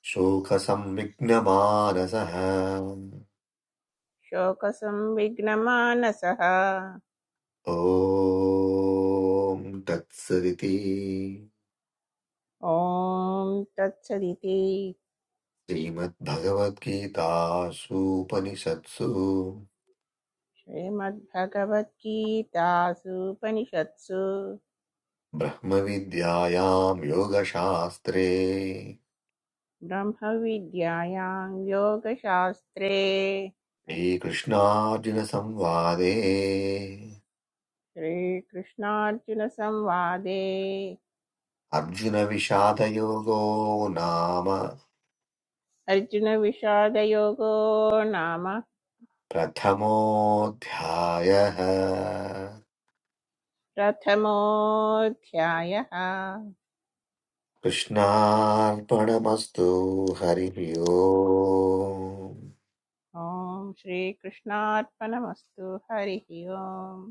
Speaker 1: शोकसंविघ्नमानसः
Speaker 5: शोकसंविघ्नमानसः
Speaker 1: ॐ तत्सदिति
Speaker 5: ॐ तत्सदिति
Speaker 1: श्रीमद्भगवद्गीतासूपनिषत्सु
Speaker 5: श्रीमद्भगवद्गीतासूपनिषत्सु
Speaker 1: ब्रह्मविद्यायां योगशास्त्रे
Speaker 5: ब्रह्मविद्यायां योगशास्त्रे
Speaker 1: श्रीकृष्णार्जुनसंवादे
Speaker 5: श्रीकृष्णार्जुनसंवादे
Speaker 1: अर्जुनविषादयोगो नाम
Speaker 5: अर्जुनविषादयोगो नाम
Speaker 1: प्रथमोऽध्यायः
Speaker 5: प्रथमोऽध्यायः
Speaker 1: कृष्णार्पणमस्तु हरिः ओम्
Speaker 5: ॐ श्रीकृष्णार्पणमस्तु हरिः ओम्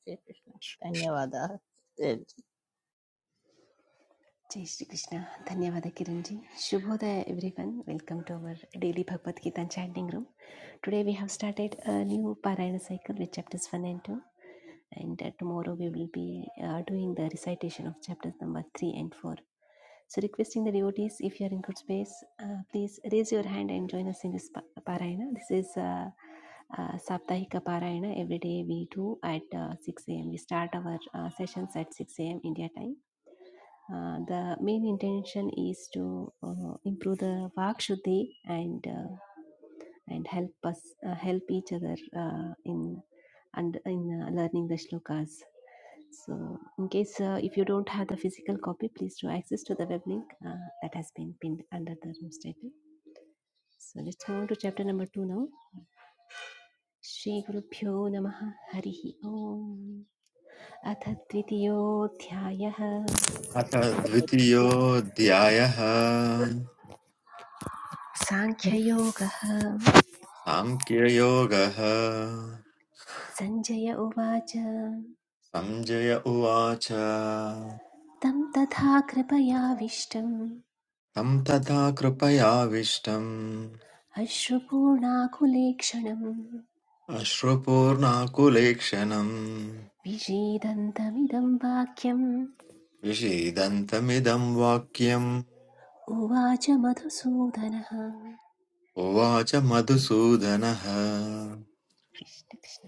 Speaker 5: श्रीकृष्ण धन्यवादाः
Speaker 3: Jai Shri Krishna. Dhanyavada Kiranji. Shubhodaya everyone. Welcome to our daily Bhagavad Gita chanting room. Today we have started a new Parayana cycle with chapters 1 and 2. And uh, tomorrow we will be uh, doing the recitation of chapters number 3 and 4. So requesting the devotees, if you are in good space, uh, please raise your hand and join us in this pa- Parayana. This is uh, uh, Saptahika Parayana. Every day we do at uh, 6 a.m. We start our uh, sessions at 6 a.m. India time uh, the main intention is to uh, improve the vak shuddhi and uh, and help us uh, help each other uh, in and in uh, learning the shlokas. So, in case uh, if you don't have the physical copy, please do access to the web link uh, that has been pinned under the room's title. So, let's move on to chapter number two now. Shri Shri गुरुभ्यो नमः Om. ओम् अथ द्वितीयोऽध्यायः
Speaker 6: अथ द्वितीयोऽध्यायः
Speaker 3: साङ्ख्ययोगः
Speaker 6: साङ्ख्ययोगः
Speaker 3: सञ्जय उवाच
Speaker 6: सञ्जय उवाच
Speaker 3: तं तथा कृपयाविष्टम्
Speaker 6: तं तथा कृपयाविष्टम्
Speaker 3: अश्रुपूर्णाकुलेक्षणं
Speaker 6: अश्रुपूर्णाकुलेक्षणम्
Speaker 3: विषीदन्तमिदं वाक्यम्
Speaker 6: विषीदन्तमिदं वाक्यम्
Speaker 3: उवाच मधुसूदनः
Speaker 6: उवाच मधुसूदनः
Speaker 3: कृष्ण कृष्ण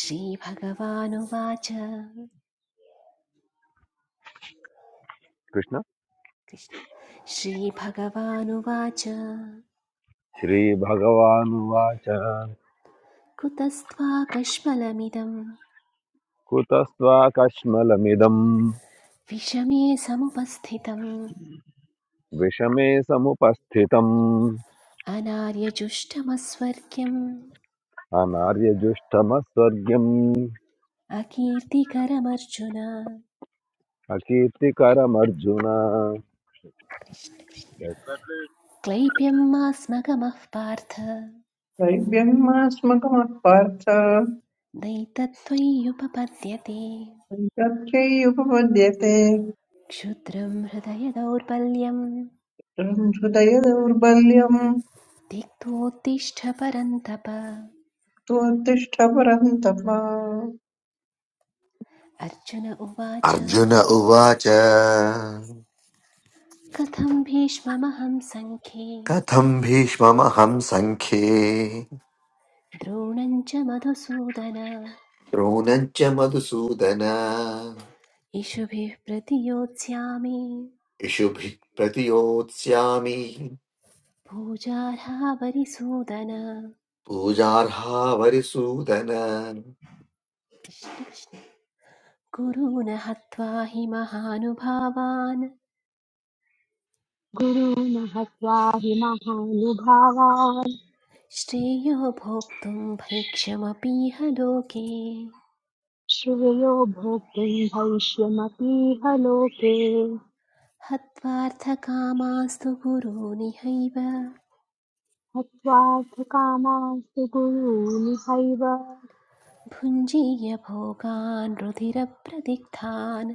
Speaker 3: श्रीभगवानुवाच
Speaker 7: कृष्ण
Speaker 3: कृष्ण श्रीभगवानुवाच
Speaker 7: श्रीभगवानुवाच
Speaker 3: कुतस्त्वाकष्मलमिदं
Speaker 7: कुतस्त्वाकश्मलमिदम्
Speaker 3: विषमे समुपस्थितम्
Speaker 7: विषमे समुपस्थितम्
Speaker 3: अनार्यजुष्टमस्वर्ग्यम्
Speaker 7: अनार्यजुष्टमस्वर्ग्यम्
Speaker 3: अकीर्तिकरमर्जुन
Speaker 7: अकीर्तिकरमर्जुन
Speaker 3: कृष्ण क्लैप्यमास्मगमः पार्थ
Speaker 8: दैव्यमास्मकमपार्थ
Speaker 3: नैतत्त्वय्युपपद्यते
Speaker 8: तच्चैयुपपद्यते
Speaker 3: क्षुद्रं हृदय दौर्बल्यं
Speaker 8: हृदय दौर्बल्यम्
Speaker 3: तिक्तोत्तिष्ठ परन्तप
Speaker 8: त्वत्तिष्ठ परन्तप
Speaker 3: अर्जुन उवाच
Speaker 1: अर्जुन उवाच
Speaker 3: कथं भीष्ममहं सङ्ख्ये
Speaker 1: कथं भीष्ममहं सङ्ख्ये
Speaker 3: द्रोणं च मधुसूदन
Speaker 1: द्रोणम् च मधुसूदन
Speaker 3: इषुभिः प्रतियोत्स्यामि
Speaker 1: इषुभिः प्रतियोत्स्यामि
Speaker 3: पूजार्हावरिसूदन
Speaker 1: पूजार्हा वरिसूदन
Speaker 3: कृष्ण कृष्ण। गुरून् हत्वा हि महानुभावान्
Speaker 2: गुरूणः त्वा हि महानुभावान्
Speaker 3: श्रेयो भोक्तुं भैक्षमपीह लोके
Speaker 2: श्रेयो भोक्तुं भविष्यमतीह लोके
Speaker 3: हत्वार्थकामास्तु गुरूनिहैव
Speaker 2: हत्वार्थकामास्तु गुरूनिहैव
Speaker 3: भुञ्जीय भोगान् रुधिरप्रदिग्धान्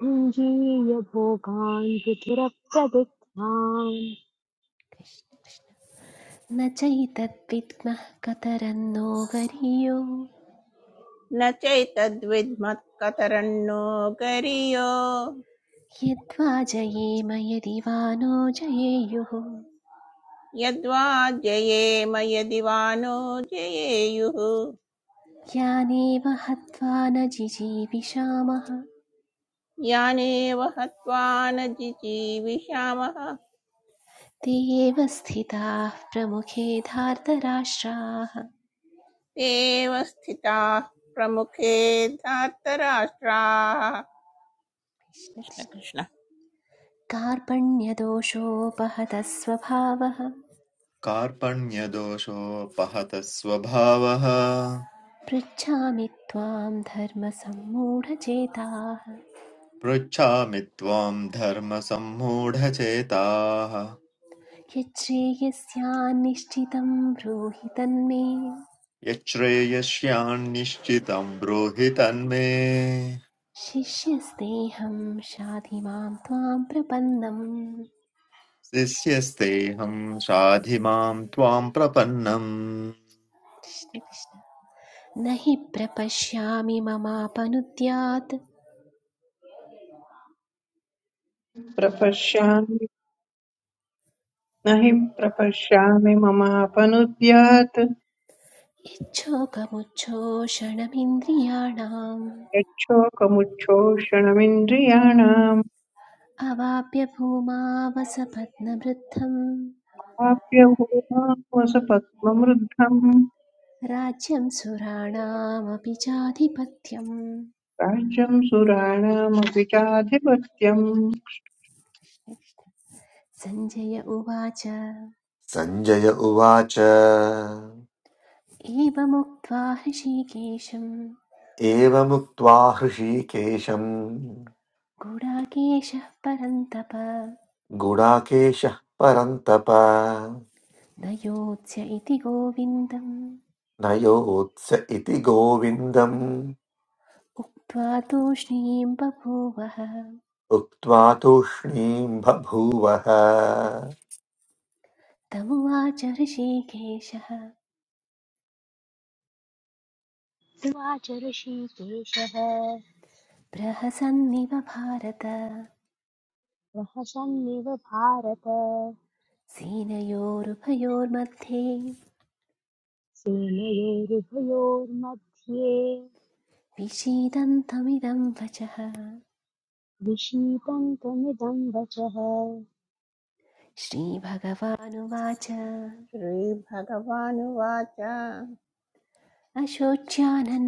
Speaker 2: भुञ्जीय भोगान् विधिरप्रदिग्धान्
Speaker 3: न चैतद्विद्मः कतरन्नो गरीयो
Speaker 5: न चैतद्विद्मत्कतरन्नो गरीयो
Speaker 3: यद्वा जयेम यदि वा नो जयेयुः
Speaker 5: यद्वा जयेम यदि वा नो जयेयुः
Speaker 3: यानेव हत्वा न जिजीविषामः
Speaker 5: यानेव हत्वा न जिजीविषामः
Speaker 3: ते एव स्थिताः प्रमुखे धार्तराष्ट्राः
Speaker 5: ते एव स्थिताः प्रमुखे धार्तराष्ट्राः
Speaker 3: कृष्ण
Speaker 5: कृष्ण
Speaker 3: कृष्ण
Speaker 5: कृष्ण
Speaker 3: कार्पण्यदोषोपहतः स्वभावः
Speaker 6: कार्पण्यदोषोपहतः स्वभावः
Speaker 3: पृच्छामि त्वां धर्मसम्मूढचेताः
Speaker 6: पृच्छामि त्वां धर्मसम्मूढचेताः
Speaker 3: यच्छ्रेयस्यान्निश्चितं ब्रूहि तन्मे
Speaker 6: यच्छ्रेयस्यान्निश्चितं ब्रूहि तन्मे
Speaker 3: शिष्यस्तेऽहं शाधि मां त्वां प्रपन्नम्
Speaker 6: शिष्यस्तेऽहं शाधि मां त्वां प्रपन्नम्
Speaker 3: कृष्ण कृष्ण न हि प्रपश्यामि ममापनुद्यात्
Speaker 8: प्रपश्यामि न हि प्रपश्यामि ममापनुद्यात्
Speaker 3: इच्छोकमुच्छोषणमिन्द्रियाणाम्
Speaker 8: यच्छोकमुच्छोषणमिन्द्रियाणाम्
Speaker 3: अवाप्यभूमा वसपत्नवृद्धं
Speaker 8: प्राप्य भूमावसपद्मवृद्धम्
Speaker 3: राज्यं सुराणामपि चाधिपत्यम्
Speaker 8: राज्यम् सुराणामपि चाधिपत्यम्
Speaker 3: सञ्जय उवाच
Speaker 1: सञ्जय उवाच
Speaker 3: एवमुक्त्वा हृषीकेशं
Speaker 1: एवमुक्त्वा हृषीकेशम्
Speaker 3: गुडाकेशः परन्तप
Speaker 1: गुडाकेशः परन्तप
Speaker 3: न योत्स्य इति गोविन्दम्
Speaker 1: नयोत्स इति गोविन्दम्
Speaker 3: उक्त्वा तूष्णीं बभूवः
Speaker 1: उक्त्वा तूष्णीम् बभूवः
Speaker 3: तमुवाच हृषीकेशः
Speaker 2: उवाच ऋषिकेशः
Speaker 3: प्रहसन्निव भारत
Speaker 2: प्रहसन्निव भारत
Speaker 3: सेनयोरुभयोर्मध्ये
Speaker 2: सेनयोरुभयोर्मध्ये
Speaker 3: विषीदन्तमिदं वचः
Speaker 2: विषीदन्तमिदं वचः
Speaker 3: श्रीभगवानुवाच
Speaker 5: श्रीभगवानुवाच
Speaker 3: अशोच्यानन्वशोचस्त्वं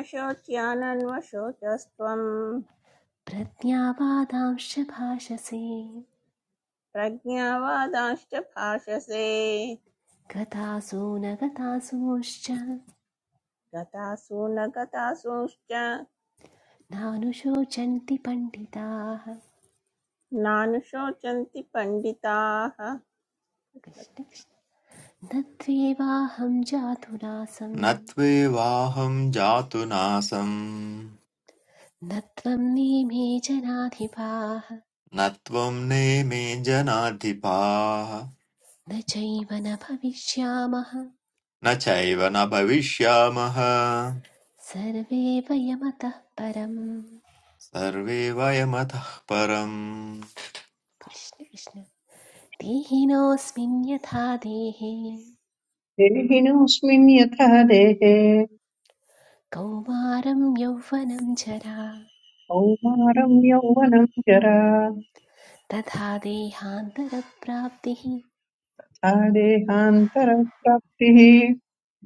Speaker 5: अशोच्यानन्वशोचस्त्वम्
Speaker 3: प्रज्ञावादांश्च भाषसे
Speaker 5: प्रज्ञावादांश्च भाषसे
Speaker 3: गतासो न गतासूश्च
Speaker 5: गतासु न गतासूंश्च
Speaker 3: नानुशोचन्ति पण्डिताः
Speaker 5: नानुशोचन्ति पण्डिताः कृष्ण-
Speaker 3: कृष्ण कृष्ण। न त्वेवाहं जातुरासं
Speaker 6: न त्वेवाहं जातु नासं
Speaker 3: न त्वं नेमे जनाधिपाः
Speaker 6: न त्वं नेमे जनाधिपाः
Speaker 3: न चैव न भविष्यामः
Speaker 6: न चैव न भविष्यामः
Speaker 3: सर्वे वयमतः परम्
Speaker 6: सर्वे वयमतः परम्
Speaker 3: कृष्ण कृष्ण देहिनोऽस्मिन् यथा देहे
Speaker 8: देहिनोऽस्मिन् यथा देहे
Speaker 3: कौमारं यौवनं जरा
Speaker 8: कौमारं यौवनं जरा
Speaker 3: तथा देहान्तरप्राप्तिः
Speaker 8: तथा देहान्तरप्राप्तिः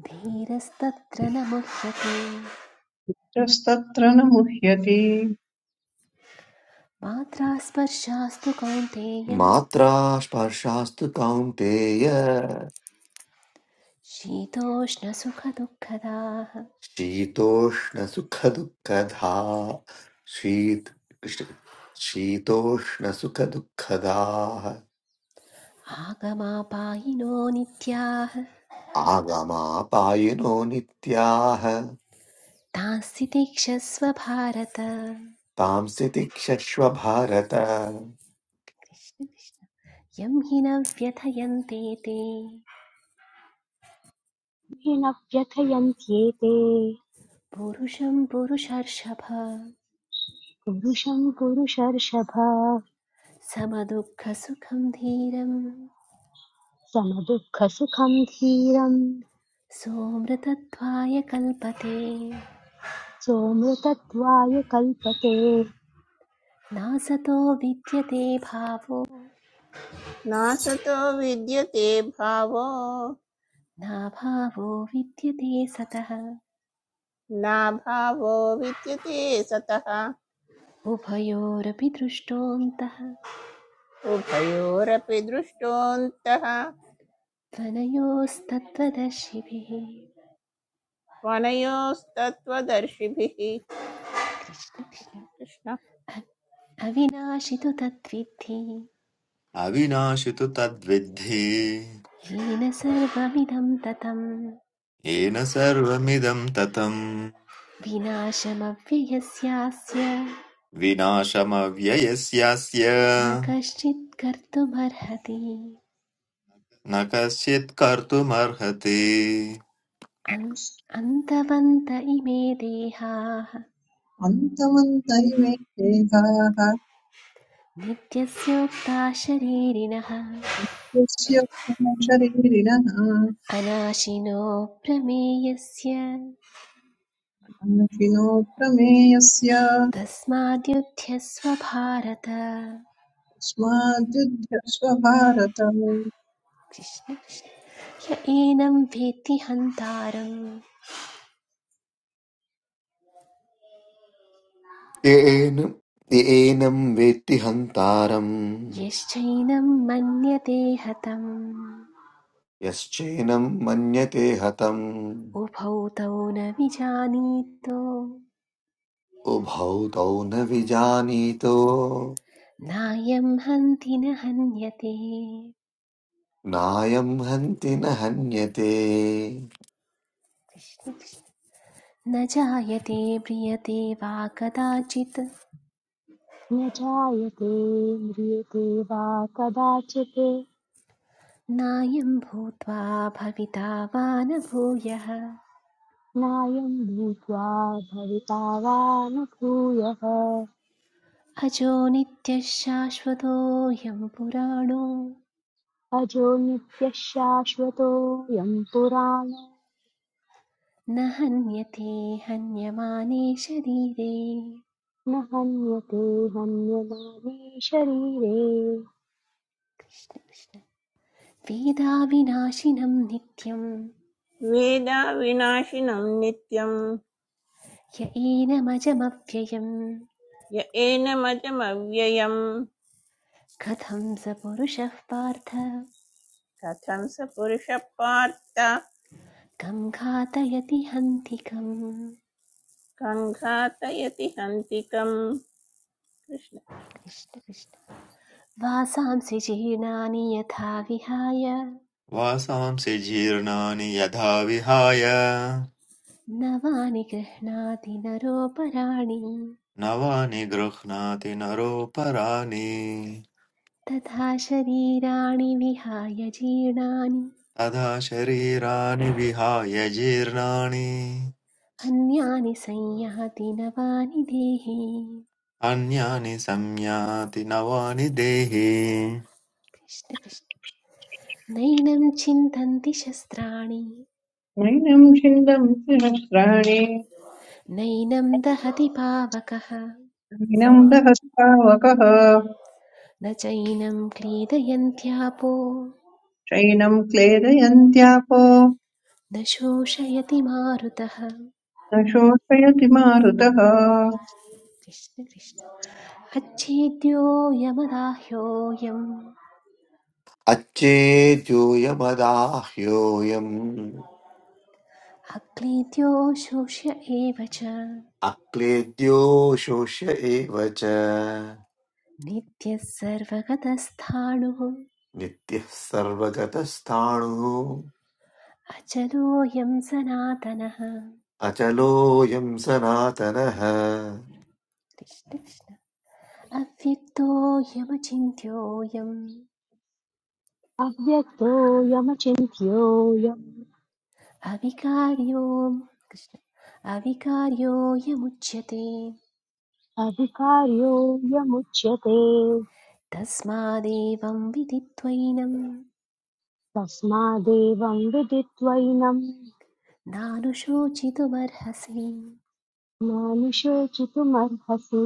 Speaker 3: धीरस्तत्र न मुह्यते
Speaker 8: यस्तत्र न मुह्यति
Speaker 3: मात्रा स्पर्शास्तु कौन्तेय
Speaker 1: मात्रा स्पर्शास्तु कौन्तेय
Speaker 3: शीतोष्णसुखदुःखदाः
Speaker 1: शीतोष्णसुखदुःखधा शीत कृष्ण- शीतोष्णसुखदुःखदाः
Speaker 3: आगमापायिनो नित्याः
Speaker 1: आगमापायिनो नित्याः
Speaker 3: तांसि तिक्षस्व भारत कृष्ण
Speaker 1: तांसि तिक्षस्व भारत
Speaker 3: कृष्ण यं हि न व्यथयन्ते ते
Speaker 2: येन व्यथयन्त्येते
Speaker 3: पुरुषं पुरुषर्षभ
Speaker 2: पुरुषं कुरु शर्षभ
Speaker 3: समदुःखसुखं धीरं
Speaker 2: समदुःखसुखं धीरं
Speaker 3: सोमृतत्वाय कल्पते
Speaker 2: सोमृतत्वाय कल्पते
Speaker 3: नासतो विद्यते भावो
Speaker 5: नासतो विद्यते भावो
Speaker 3: नाभावो विद्यते सतः
Speaker 5: नाभावो विद्यते सतः
Speaker 3: उभयोरपि दृष्टोऽन्तः
Speaker 5: उभयोरपि दृष्टोऽन्तः
Speaker 3: त्वनयोस्तत्त्वदर्शिभिः
Speaker 5: त्वनयोस्तत्त्वदर्शिभिः
Speaker 3: कृष्ण कृष्ण।
Speaker 5: कृष्ण
Speaker 3: अ- अविनाशि तु तद्विद्धि
Speaker 6: अविनाशि तु तद्विद्धि
Speaker 3: येन सर्वमिदं ततं
Speaker 6: येन सर्वमिदं ततम्
Speaker 3: विनाशमव्ययस्यास्य
Speaker 6: विनाशमव्ययस्यास्य
Speaker 3: न कश्चित् कर्तुमर्हति
Speaker 6: न कश्चित् कर्तुमर्हति
Speaker 3: अन्- अन्तवन्त इमे देहाः
Speaker 8: अन्तमन्त इमे देहाः
Speaker 3: नित्यस्योक्ता शरीरिणः
Speaker 8: यस्य शरीरिणः
Speaker 3: अनाशिनो प्रमेयस्य
Speaker 8: नाशिनो प्रमेयस्य
Speaker 3: तस्माद्युध्यस्व भारत
Speaker 8: तस्माद्युध्यस्व भारत
Speaker 3: कृष्ण कृष्ण। य एनं वेत्ति हन्तारं
Speaker 1: येन येनं वेत्ति हन्तारम्
Speaker 3: यश्चैनं मन्यते हतम्
Speaker 1: यश्चेनं मन्यते हतम्
Speaker 3: उभौ तौ न विजानीतो
Speaker 1: उभौ तौ न विजानीतो
Speaker 3: नायं हन्ति न हन्यते
Speaker 1: नायं हन्ति न हन्यते
Speaker 3: न जायते म्रियते वा कदाचित्
Speaker 2: न जायते म्रियते वा कदाचित्
Speaker 3: नायं भूत्वा भविता वा न भूयः
Speaker 2: नायं भूत्वा भविता वा न भूयः
Speaker 3: अजो नित्यः शाश्वतोऽयं पुराणो
Speaker 2: अजो नित्यः शाश्वतोऽयं पुराणो
Speaker 3: न हन्यते हन्यमाने शरीरे
Speaker 2: न हन्यते हन्यमाने शरीरे
Speaker 3: कृष्ण कृष्ण वेदाविनाशिनं नित्यं
Speaker 5: वेदाविनाशिनं नित्यं
Speaker 3: येनमजमव्ययं एनमजमव्ययं
Speaker 5: य एनमजमव्ययम्
Speaker 3: कथं स पुरुषः पार्थ
Speaker 5: कथं स पुरुषः पार्थ
Speaker 3: गं घातयति हन्तिकम्
Speaker 5: सङ्घातयति हन्तिकम् कृष्ण
Speaker 3: कृष्ण कृष्ण वासांसि जीर्णानि यथा विहाय
Speaker 6: वासांसि जीर्णानि यथा विहाय
Speaker 3: नवानि गृह्णाति नरोपराणि
Speaker 6: नवानि गृह्णाति नरोपराणि
Speaker 3: तथा शरीराणि विहाय जीर्णानि
Speaker 6: तदा शरीराणि विहाय जीर्णानि
Speaker 3: अन्यानि संयाति नवानि देहि
Speaker 6: अन्यानि संयाति नवानि देहि
Speaker 3: कृष्ण कृष्ण नैनं छिन्दन्ति शस्त्राणि
Speaker 8: नैनं छिन्दं सहस्राणि
Speaker 3: नैनं दहति पावकः
Speaker 8: नैनं दहस्तावकः
Speaker 3: न चैनं क्रीडयन्त्यापो
Speaker 8: शैनं क्लेदयन्त्यापो
Speaker 3: न शोषयति मारुतः
Speaker 8: न शोषयति मारुतः
Speaker 3: कृष्ण कृष्ण अच्छेद्योऽयमदाह्योऽयम्
Speaker 1: अच्छेद्योऽयमदाह्योऽयम्
Speaker 3: अक्लीद्यो शोष्य एव च
Speaker 1: अक्लेद्यो शोष्य एव च
Speaker 3: नित्यः सर्वगतस्थाणुः
Speaker 1: नित्यः सर्वगतस्थाणुः
Speaker 3: अचलोऽयं सनातनः
Speaker 1: अचलोऽयम् सनातनः
Speaker 3: कृष्ण कृष्ण अव्यक्तोऽयमचिन्त्योऽयम्
Speaker 2: अव्यक्तोऽयमचिन्त्योऽयम्
Speaker 3: अविकार्यो कृष्ण अविकार्योऽयमुच्यते
Speaker 2: अधिकार्योऽयमुच्यते
Speaker 3: तस्मादेवं विदित्वैनं
Speaker 2: तस्मादेवं विदित्वैनं
Speaker 3: नानुशोचितुमर्हसि
Speaker 2: मानुषोचितुमर्हसि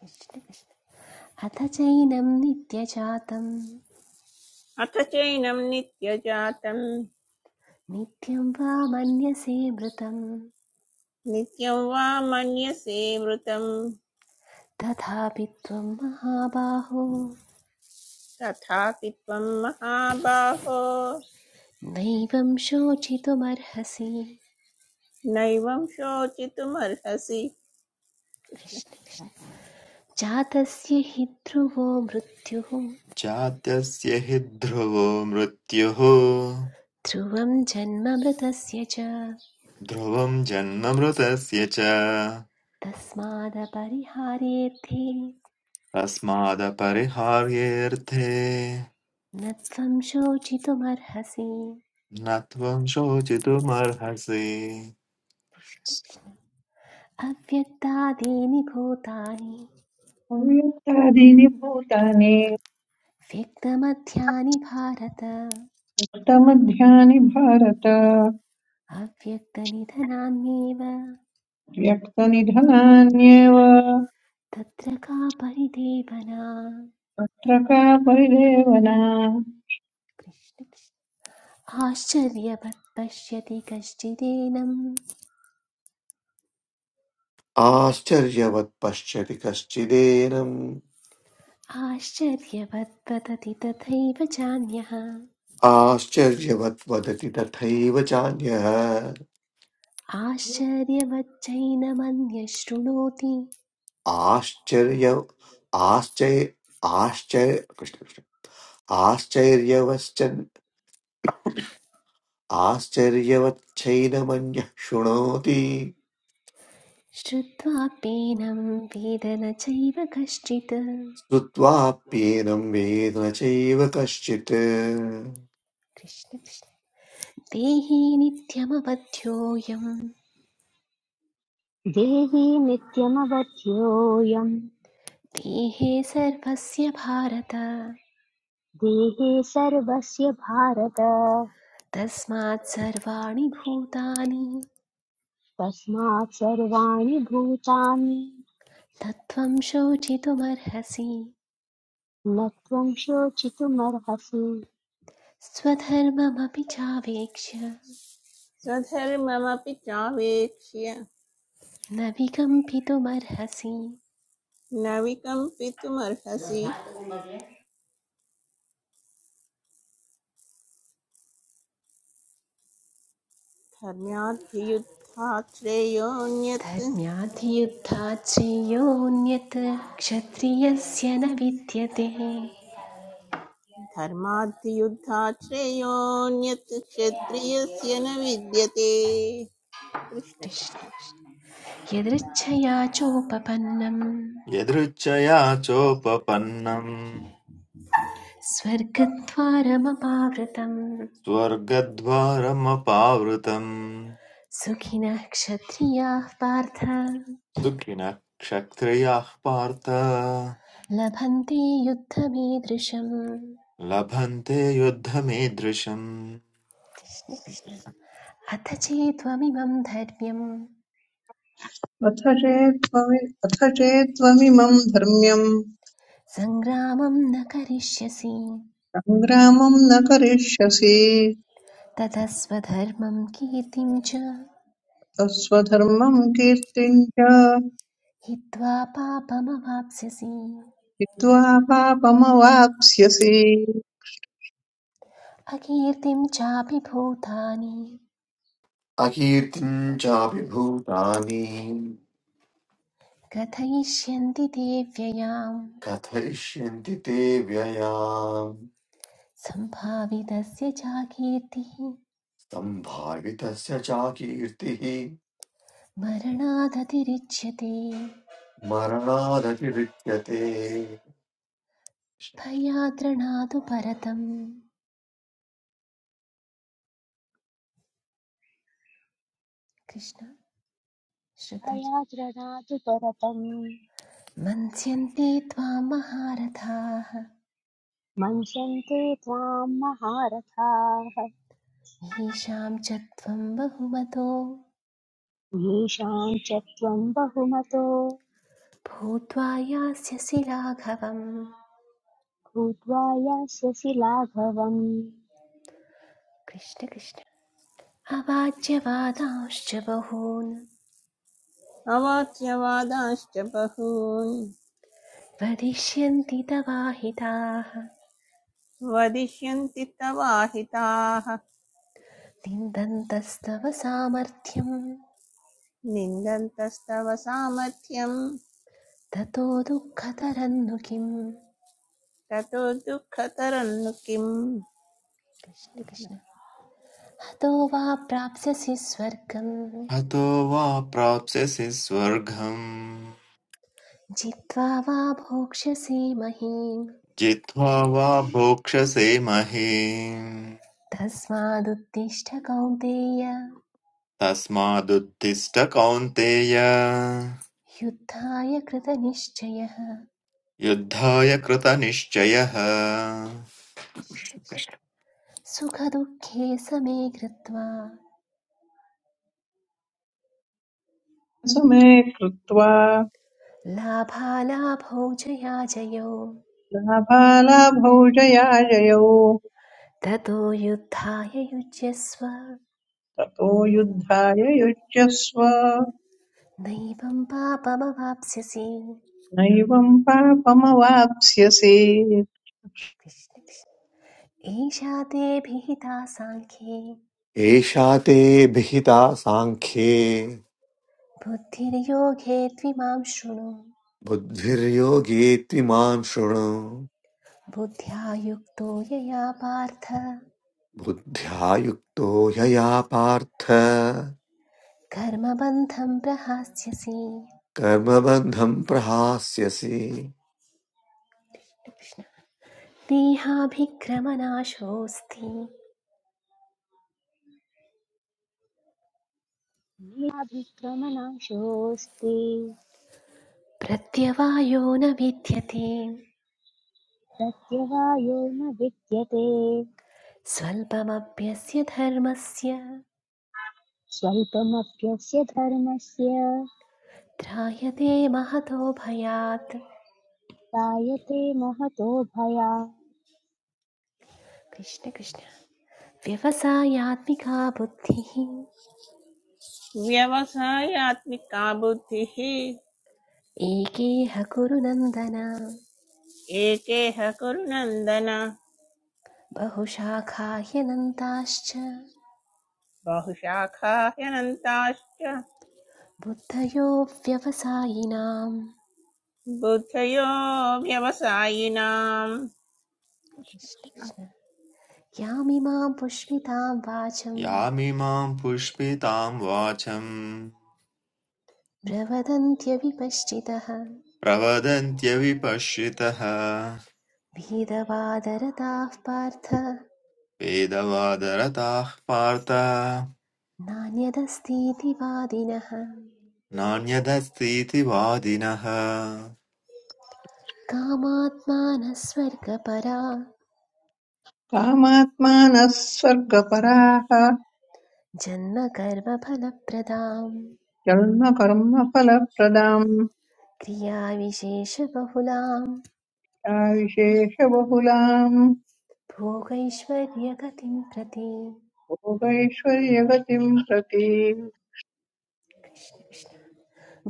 Speaker 3: कृष्ण कृष्ण अथ चैनं नित्यजातं
Speaker 5: अथ चैनं नित्यजातं
Speaker 3: नित्यं वा मन्यसे मृतं
Speaker 5: नित्यं वा मन्यसे मृतम्
Speaker 3: तथापि त्वं महाबाहो
Speaker 5: तथापि त्वं महाबाहो
Speaker 3: नैवं शोचितुमर्हसि
Speaker 5: नैवं शोचितुमर्हसि कृष्ण
Speaker 3: जातस्य हि ध्रुवो मृत्युः
Speaker 6: जात्यस्य हि ध्रुवो मृत्युः
Speaker 3: ध्रुवं जन्म मृतस्य च
Speaker 6: ध्रुवं जन्ममृतस्य च
Speaker 3: तस्मादपरिहारेऽर्थे न
Speaker 6: तस्मादपरिहार्येऽर्थे
Speaker 3: त्वं शोचितुमर्हसि
Speaker 6: न त्वं शोचितुमर्हसि
Speaker 3: कृष्ण, कृष्ण। अव्यक्तादीनि भूतानि
Speaker 8: अव्यक्तादीनि भूतानि
Speaker 3: व्यक्तमध्यानि भारत
Speaker 8: व्यक्तमध्यानि भारत
Speaker 3: अव्यक्तनिधनान्येव
Speaker 8: व्यक्तनिधनान्येव
Speaker 3: तत्र का परिदेवना
Speaker 8: तत्र का परिदेवना
Speaker 3: कृष्ण कृष्ण। आश्चर्यवत् पश्यति कश्चिदेनम्
Speaker 1: आश्चर्यवत् पश्यति कश्चिदेनम्
Speaker 3: आश्चर्यवत् वदति तथैव चान्यः
Speaker 1: आश्चर्यवत् वदति तथैव चान्यः
Speaker 3: आश्चर्यवच्चैनमन्यः शृणोति
Speaker 1: आश्चर्य आश्चर्य आश्चर्य कृष्ण आश्चर्यवश्च आश्चर्यवच्चैनमन्यः शृणोति
Speaker 3: श्रुत्वाप्येनं वेद न चैव कश्चित्
Speaker 1: श्रुत्वाप्येनं वेद न चैव कश्चित्
Speaker 3: कृष्ण कृष्ण। देहे नित्यमवध्योऽयं
Speaker 2: देहि नित्यमवध्योऽयम्
Speaker 3: देहे सर्वस्य
Speaker 2: देहे सर्वस्य भारत
Speaker 3: तस्मात् सर्वाणि भूतानि
Speaker 2: तस्मात् सर्वाणि भूतानि
Speaker 3: तत्त्वं शोचितुमर्हसि
Speaker 2: न त्वं शोचितुमर्हसि
Speaker 3: स्वधर्ममपि चावेक्ष्य
Speaker 5: स्वधर्ममपि चावेक्ष्य
Speaker 3: न विकम्पितुमर्हसि
Speaker 5: न विकम्पितुमर्हसि धर्म्याद्धियुद्धात् श्रेयोऽन्यत्
Speaker 3: धर्म्याद्युद्धात् श्रेयोऽन्यत् क्षत्रियस्य न विद्यते
Speaker 5: धर्माद्धियुद्धात् श्रेयोऽन्यत् क्षत्रियस्य न विद्यते कृष्ण
Speaker 3: कृष्ण
Speaker 5: कृष्ण
Speaker 3: यदृच्छया चोपपन्नं
Speaker 6: यदृच्छया चोपपन्नम्
Speaker 3: स्वर्गद्वारमपावृतं
Speaker 6: स्वर्गद्वारमपावृतम्
Speaker 3: सुखिनः क्षत्रियाः पार्थ
Speaker 6: सुखिनः क्षत्रियाः पार्थ
Speaker 3: लभन्ते युद्धमीदृशम्
Speaker 6: लभन्ते युद्धमीदृशम्
Speaker 3: कृष्ण कृष्ण अथ चेत्त्वमिमं धर्म्यं
Speaker 8: अथ चेत्त्वमि अथ चेत्त्वमिमम् धर्म्यम्
Speaker 3: सङ्ग्रामं न करिष्यसि
Speaker 8: सङ्ग्रामम् न करिष्यसि
Speaker 3: ततः स्वधर्मं कीर्तिं च
Speaker 8: तस्वधर्मम् कीर्तिम् च
Speaker 3: हित्वा पापमवाप्स्यसि
Speaker 8: हित्वा पापमवाप्स्यसि
Speaker 3: अकीर्तिं चापि भूतानि
Speaker 1: अकीर्तिम् चापि भूतानि
Speaker 3: कथयिष्यन्ति ते व्ययाम्
Speaker 1: कथयिष्यन्ति ते व्ययाम्
Speaker 3: सम्भावितस्य चाकीर्तिः
Speaker 1: सम्भावितस्य चाकीर्तिः
Speaker 3: मरणादतिरिच्यते
Speaker 1: मरणादतिरिच्यते
Speaker 3: भयाद्रणादु परतम् कृष्ण श्रुतज
Speaker 2: भयाद्रदातु परतम्
Speaker 3: मन्स्यन्ते त्वां महारथाः
Speaker 2: मन्यन्ते त्वां महारथाः
Speaker 3: ईशां च त्वं बहुमतो
Speaker 2: येषां च त्वं बहुमतो
Speaker 3: भूत्वा यास्यसि राघवम्
Speaker 2: भूत्वा यास्यसि लाघवम्
Speaker 3: कृष्ण कृष्ण अवाच्यवादांश्च बहून्
Speaker 5: अवाच्यवादांश्च बहून्
Speaker 3: वदिष्यन्ति तवाहिताः
Speaker 5: वदिष्यन्ति तवाहिताः
Speaker 3: निन्दन्तस्तव सामर्थ्यं
Speaker 5: निन्दन्तस्तव सामर्थ्यम्
Speaker 3: ततो दुःखतरन्नु किम्
Speaker 5: ततो दुःखतरं किम्
Speaker 3: कृष्ण
Speaker 5: कृष्ण
Speaker 3: कृष्ण हतो वा प्राप्स्यसि स्वर्गं
Speaker 6: हतो वा प्राप्स्यसि स्वर्गम्
Speaker 3: जित्वा वा भोक्ष्यसि महीम्
Speaker 6: जित्वा वा भोक्ष्यसे महीम्
Speaker 3: तस्मादुत्तिष्ठ कौन्तेय
Speaker 6: तस्मादुत्तिष्ठ कौन्तेय
Speaker 3: युद्धाय कृतनिश्चयः
Speaker 6: युद्धाय कृतनिश्चयः
Speaker 3: सुखदुःखे समे कृत्वा
Speaker 8: समे कृत्वा
Speaker 3: लाभालाभौ जयाजयौ
Speaker 8: लाभालाभौ जयाजयौ
Speaker 3: ततो युद्धाय युज्यस्व
Speaker 8: ततो युद्धाय युज्यस्व
Speaker 3: नैवं पापमवाप्स्यसि
Speaker 8: नैवं पापमवाप्स्यसि
Speaker 3: एषा ते भिहिता साङ्ख्ये
Speaker 1: एषा ते भिहिता साङ्ख्ये
Speaker 3: बुद्धिर्योगे त्विमां शृणु
Speaker 1: बुद्धिर्योगे त्विमां शृणु
Speaker 3: बुद्ध्या युक्तो यया पार्थ
Speaker 1: बुद्ध्यायुक्तो यया पार्थ
Speaker 3: कर्मबन्धं प्रहास्यसि
Speaker 1: कर्मबन्धं प्रहास्यसि
Speaker 3: कृष्ण। देहाभिक्रमनाशोऽस्ति
Speaker 2: निराभिक्रमणाशोऽस्ति
Speaker 3: प्रत्यवायो न विद्यते
Speaker 2: प्रत्यवायो न विद्यते
Speaker 3: स्वल्पमप्यस्य धर्मस्य
Speaker 2: स्वल्पमप्यस्य धर्मस्य
Speaker 3: त्रायते महतो भयात्
Speaker 2: जायते महतो भयात्
Speaker 3: कृष्ण कृष्ण व्यवसायात्मिका बुद्धिः
Speaker 5: व्यवसायात्मिका बुद्धिः
Speaker 3: एकेह कुरु नन्दन
Speaker 5: एकेह कुरु नन्दन बहुशाखा ह्यनन्ताश्च
Speaker 3: बुद्धयो व्यवसायिनाम्
Speaker 5: बुद्धयो व्यवसायिनाम् कृष्ण
Speaker 3: कृष्ण
Speaker 5: कृष्ण
Speaker 3: कृष्ण यामिमां पुष्पितां वाचं
Speaker 6: यामिमां पुष्पितां वाचम्
Speaker 3: प्रवदन्त्यविपश्चितः
Speaker 6: प्रवदन्त्यविपश्रितः
Speaker 3: भेदवादरताः पार्थ
Speaker 6: वेदवादरताः पार्थ
Speaker 3: नान्यदस्तीति वादिनः
Speaker 6: नान्यदस्तीति वादिनः
Speaker 3: कामात्मानः स्वर्गपरा
Speaker 8: कामात्मानः स्वर्गपराः
Speaker 3: जन्मकर्मफलप्रदां
Speaker 8: जन्मकर्मफलप्रदाम्
Speaker 3: क्रियाविशेषबहुलां
Speaker 8: विशेषबहुलाम्
Speaker 3: भोगैश्वर्यगतिं प्रति
Speaker 8: भोगैश्वर्यगतिम् प्रति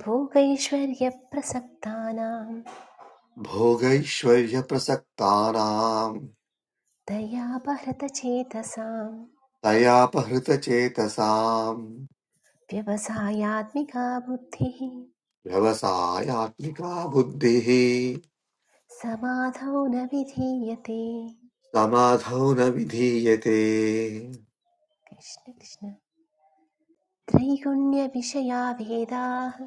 Speaker 3: भोगैश्वर्यप्रसक्तानां
Speaker 1: भोगैश्वर्यप्रसक्तानां
Speaker 3: दयापहृतचेतसाम्
Speaker 1: तयापहृतचेतसाम्
Speaker 3: व्यवसायात्मिका बुद्धिः
Speaker 1: व्यवसायात्मिका बुद्धिः
Speaker 3: समाधौ न विधीयते
Speaker 1: समाधौ न विधीयते
Speaker 3: कृष्ण कृष्ण त्रैगुण्यविषया वेदाः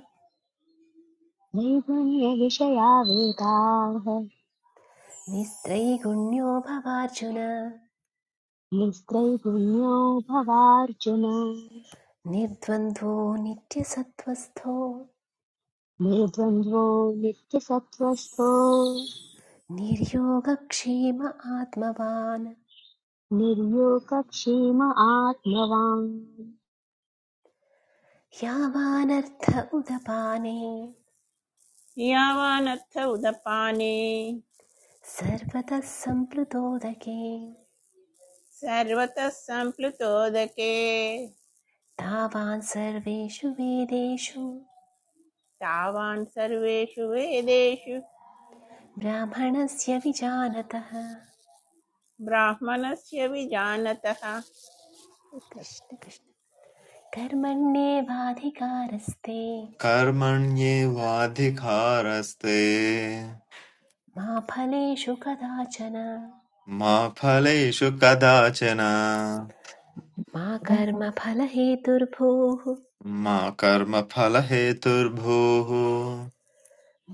Speaker 2: नैगुण्यविषया वेगाः
Speaker 3: निस्त्रैगुण्यो भवार्जुन
Speaker 2: निस्त्रैगुण्यो भवार्जुन
Speaker 3: निर्द्वन्द्वो नित्यसत्त्वस्थो
Speaker 2: निर्द्वन्द्वो नित्यसत्त्वस्थो
Speaker 3: निर्योगक्षेम आत्मवान्
Speaker 2: निर्योगक्षेम आत्मवान्
Speaker 3: यावानर्थ उदपाने
Speaker 5: यावानर्थ उदपाने
Speaker 3: सर्वतः सम्प्लुतोदके
Speaker 5: सर्वतः सम्प्लुतोदके
Speaker 3: तावान् सर्वेषु वेदेषु
Speaker 5: तावान् सर्वेषु वेदेषु
Speaker 3: ब्राह्मणस्य विजानतः
Speaker 5: ब्राह्मणस्य विजानतः कृष्ण
Speaker 3: कृष्ण कृष्ण कर्मण्येवाधिकारस्ते
Speaker 6: कर्मण्येवाधिकारस्ते
Speaker 3: मा फलेषु कदाचन
Speaker 6: मा फलेषु कदाचन
Speaker 3: मा कर्मफलहेतुर्भूः
Speaker 6: मा कर्मफलहेतुर्भूः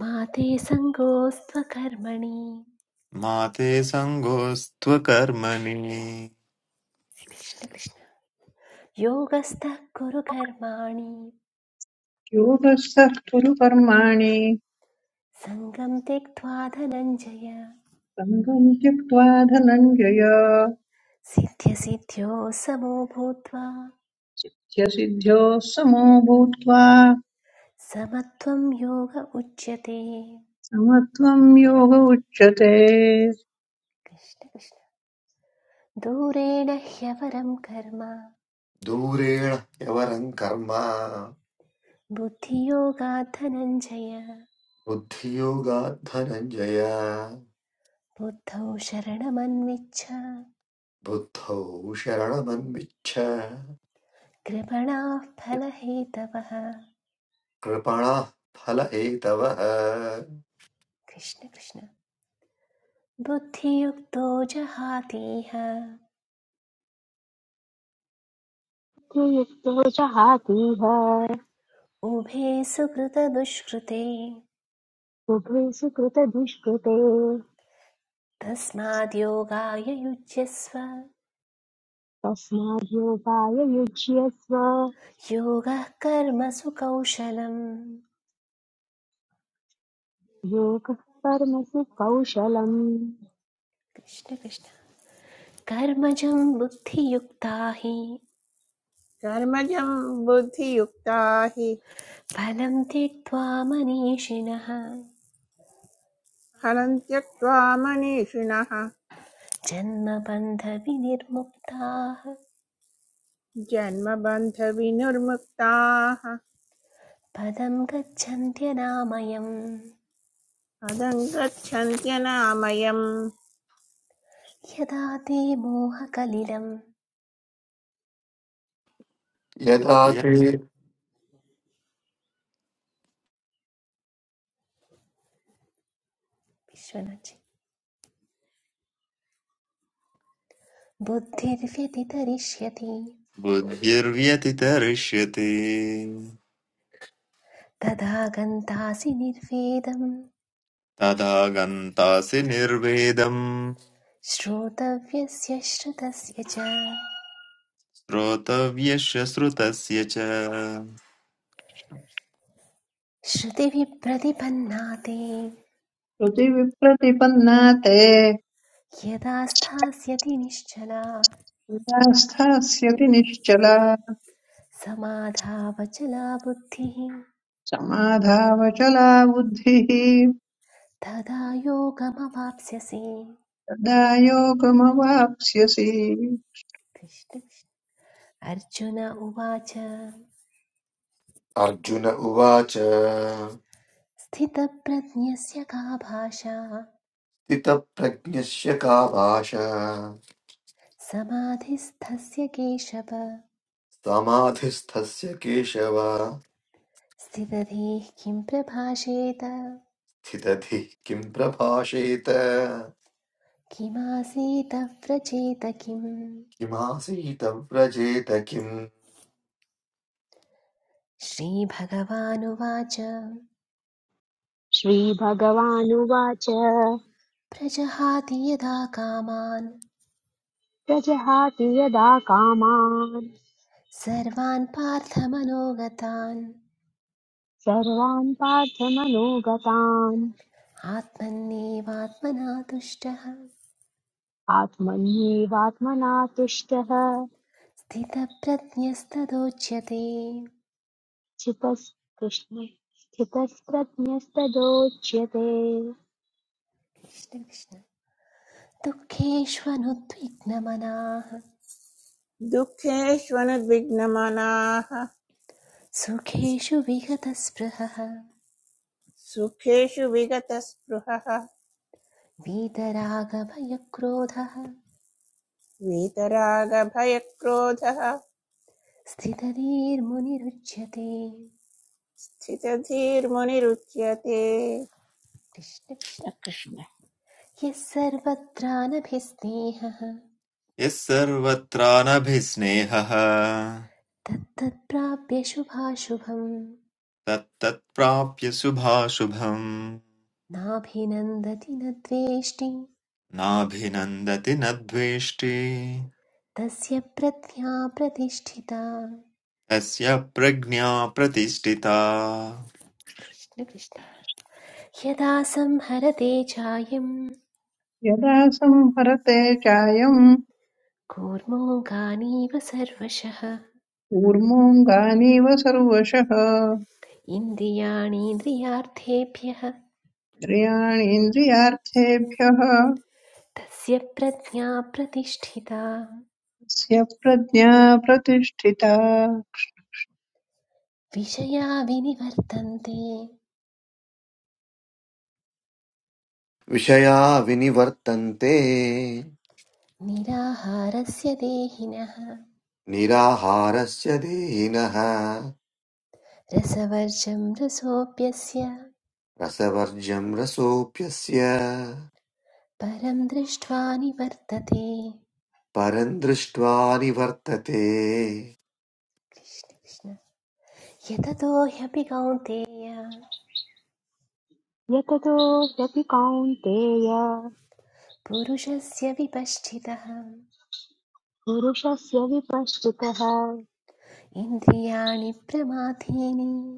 Speaker 3: मा ते सङ्गोऽस्त्व कर्मणि
Speaker 6: मा ते सङ्गोऽस्त्वकर्मणि
Speaker 3: कृष्ण कृष्ण योगस्थः कुरु कर्माणि
Speaker 8: योगस्थः कुरु कर्माणि
Speaker 3: सङ्गं त्यक्त्वा धनञ्जय
Speaker 8: सङ्गम् त्यक्त्वा धनञ्जय
Speaker 3: सिद्ध्यसिद्ध्यो समो भूत्वा
Speaker 8: स्य सिद्ध्योः समो भूत्वा
Speaker 3: समत्वं योग उच्यते
Speaker 8: समत्वम् योग उच्यते
Speaker 3: कृष्ण कृष्ण दूरेण ह्यवरं कर्म
Speaker 1: दूरेण ह्यवरं कर्म
Speaker 3: बुद्धियोगात् धनञ्जय
Speaker 1: बुद्धियोगात् धनञ्जय
Speaker 3: बुद्धौ शरणमन्विच्छ
Speaker 1: बुद्धौ शरणमन्विच्छ
Speaker 3: कृपणाः फलहेतवः
Speaker 1: कृपणः फल एतवः
Speaker 3: कृष्ण कृष्ण बुद्धियुक्तो जहातीह
Speaker 2: त्रियुक्तो जहातीह
Speaker 3: उभे सुकृतदुष्कृते
Speaker 2: उभे सुकृतदुष्कृते
Speaker 3: तस्माद् योगाय युज्यस्व
Speaker 2: तस्माद्योगाय युज्यस्व
Speaker 3: योगः कर्मसु कौशलम्
Speaker 2: योगः कर्मसु कौशलम्
Speaker 3: कृष्ण कृष्ण कर्मजं बुद्धियुक्ता हि
Speaker 5: कर्मजं बुद्धियुक्ता हि
Speaker 3: फलं त्यक्त्वा मनीषिणः
Speaker 5: फलं त्यक्त्वा मनीषिणः
Speaker 3: जन्मबन्धविनिर्मुक्ताः
Speaker 5: जन्मबन्धविनिर्मुक्ताः
Speaker 3: पदं गच्छन्त्यनामयम्
Speaker 5: पदं गच्छन्त्यनामयम्
Speaker 3: यदा ते मोहकलिलं
Speaker 1: यदा ते
Speaker 6: यद्
Speaker 3: विश्वनाचि बुद्धिर्व्यतितरिष्यति
Speaker 6: बुद्धिर्व्यतितरिष्यति
Speaker 3: तदा गन्तासि निर्वेदं
Speaker 6: तदा गन्तासि निर्वेदम्
Speaker 3: श्रोतव्यस्य श्रुतस्य च
Speaker 6: श्रोतव्यस्य श्रुतस्य च
Speaker 3: श्रुतिभिः प्रतिपन्नाते
Speaker 8: हृदि विप्रतिपन्ना ते
Speaker 3: यदा स्थास्यति निश्चला
Speaker 8: हृदा स्थास्यति निश्चला
Speaker 3: समाधावचला बुद्धिः
Speaker 8: समाधावचला बुद्धिः
Speaker 3: तदा योगमवाप्स्यसि
Speaker 8: तदा योगमवाप्स्यसि
Speaker 3: कृष्ण अर्जुन उवाच
Speaker 1: अर्जुन उवाच
Speaker 3: स्थितप्रज्ञस्य का भाषा
Speaker 1: स्थितप्रज्ञस्य का भाषा
Speaker 3: समाधिस्थस्य केशव
Speaker 1: समाधिस्थस्य केशव
Speaker 3: स्थितधीः किं प्रभाषेत
Speaker 1: स्थितधिः किं प्रभाषेत
Speaker 3: किमासीत व्रजेत किम्
Speaker 1: किमासीत व्रजेत किम्
Speaker 3: श्रीभगवानुवाच
Speaker 2: श्रीभगवानुवाच
Speaker 3: प्रजहाति यदा कामान्
Speaker 2: प्रजहाति यदा कामान्
Speaker 3: सर्वान् पार्थमनोगतान्
Speaker 2: सर्वान् पार्थमनोगतान्
Speaker 3: आत्मन्नेवात्मना तुष्टः
Speaker 2: आत्मन्येवात्मना तुष्टः
Speaker 3: स्थितप्रज्ञस्तदोच्यते
Speaker 2: स्थितस् कृष्ण स्थितस्प्रज्ञस्तदोच्यते
Speaker 3: कृष्ण कृष्ण दुःखेष्वनुद्विग्नमनाः
Speaker 5: दुःखेष्वनुद्विग्नमनाः
Speaker 3: सुखेषु विगतस्पृहः
Speaker 5: सुखेषु विगतस्पृहः
Speaker 3: वीतरागभयक्रोधः
Speaker 5: वीतरागभयक्रोधः
Speaker 3: स्थितधीर्मुनिरुच्यते
Speaker 5: स्थितधीर्मुनिरुच्यते
Speaker 3: कृष्ण कृष्ण
Speaker 5: कृष्ण
Speaker 3: यः सर्वत्रानभिस्नेहः
Speaker 6: यः सर्वत्रानभिस्नेहः
Speaker 3: तत्तत्प्राप्य शुभाशुभम्
Speaker 6: तत्तत्प्राप्य शुभाशुभम्
Speaker 3: नाभिनन्दति न द्वेष्टि
Speaker 6: नाभिनन्दति न द्वेष्टि
Speaker 3: तस्य प्रज्ञा प्रतिष्ठिता
Speaker 6: तस्य प्रज्ञा प्रतिष्ठिता
Speaker 3: कृष्ण कृष्ण यदा संहरते चायम्
Speaker 8: यदा संहरते चायम्
Speaker 3: कूर्मोऽङ्गानीव सर्वशः
Speaker 8: कूर्मोऽङ्गानीव सर्वशः
Speaker 3: इन्द्रियाणीन्द्रियार्थेभ्यः
Speaker 8: इन्द्रियाणि इन्द्रियार्थेभ्यः
Speaker 3: तस्य प्रज्ञा प्रतिष्ठिता
Speaker 8: तस्य प्रज्ञा प्रतिष्ठिता
Speaker 3: विषया विनिवर्तन्ते
Speaker 1: विषया विनिवर्तन्ते
Speaker 3: निराहारस्य देहिनः
Speaker 1: निराहारस्य देहिनः
Speaker 3: रसवर्जं रसोऽप्यस्य
Speaker 1: रसवर्ज्यं रसोऽप्यस्य
Speaker 3: परं दृष्ट्वा निवर्तते
Speaker 1: परं दृष्ट्वा निवर्तते
Speaker 3: कृष्ण कृष्ण यततो ह्यपि कौन्तेय
Speaker 2: यततो ह्यपि कौन्तेय
Speaker 3: पुरुषस्य विपश्चितः
Speaker 2: पुरुषस्य विपश्चितः
Speaker 3: इन्द्रियाणि प्रमाथीनि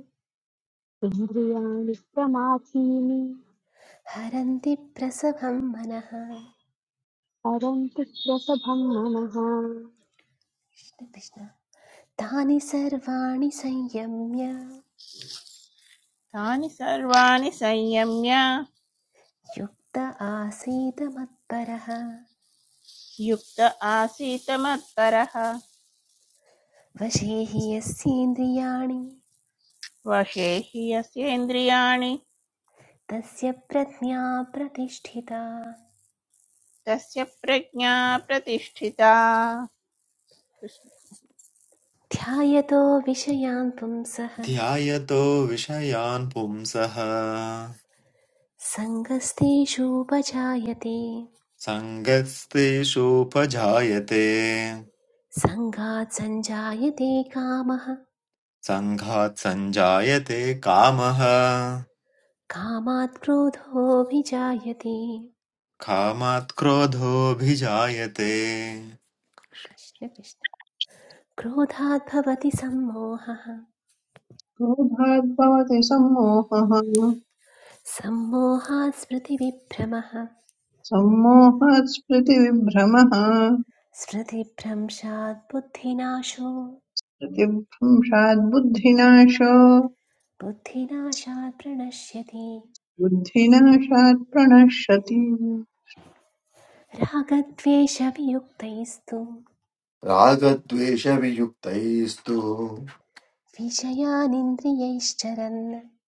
Speaker 2: इन्द्रियाणि प्रमाथीनि
Speaker 3: हरन्ति प्रसभं मनः कृष्ण
Speaker 2: परन्तु प्रसभं मनः
Speaker 3: कृष्ण तानि सर्वाणि संयम्य
Speaker 5: तानि सर्वाणि संयम्य
Speaker 3: युक्त आसीत् मत्परः
Speaker 5: युक्त आसीत् मत्परः
Speaker 3: वशे हि यस्येन्द्रियाणि
Speaker 5: वशे हि यस्य इन्द्रियाणि
Speaker 3: तस्य प्रज्ञा प्रतिष्ठिता
Speaker 5: तस्य प्रज्ञा प्रतिष्ठिता कृष्ण
Speaker 3: ध्यायतो विषयान् पुंसः
Speaker 6: ध्यायतो विषयान् पुंसः
Speaker 3: सङ्गस्तेषूपजायते
Speaker 6: सङ्गस्तेषोपजायते
Speaker 3: सङ्गात् सञ्जायते कामः
Speaker 6: सङ्घात् सञ्जायते कामः
Speaker 3: कामात् क्रोधोऽभिजायते
Speaker 6: कामात् क्रोधोऽभिजायते
Speaker 3: कृष्ण कृष्ण क्रोधाद् भवति सम्मोहः
Speaker 8: क्रोधाद्भवति सम्मोहः
Speaker 3: सम्मोहात् स्मृतिविभ्रमः
Speaker 8: सम्मोहात् स्मृतिविभ्रमः
Speaker 3: स्मृतिभ्रंशात् बुद्धिनाशो
Speaker 8: प्रतिभंशात् बुद्धिनाश
Speaker 3: बुद्धिनाशात् प्रणश्यति
Speaker 8: बुद्धिनाशात् प्रणश्यति
Speaker 3: रागद्वेषवियुक्तैस्तु
Speaker 1: रागद्वेषवियुक्तैस्तु
Speaker 3: विषयानिन्द्रियैश्चरन्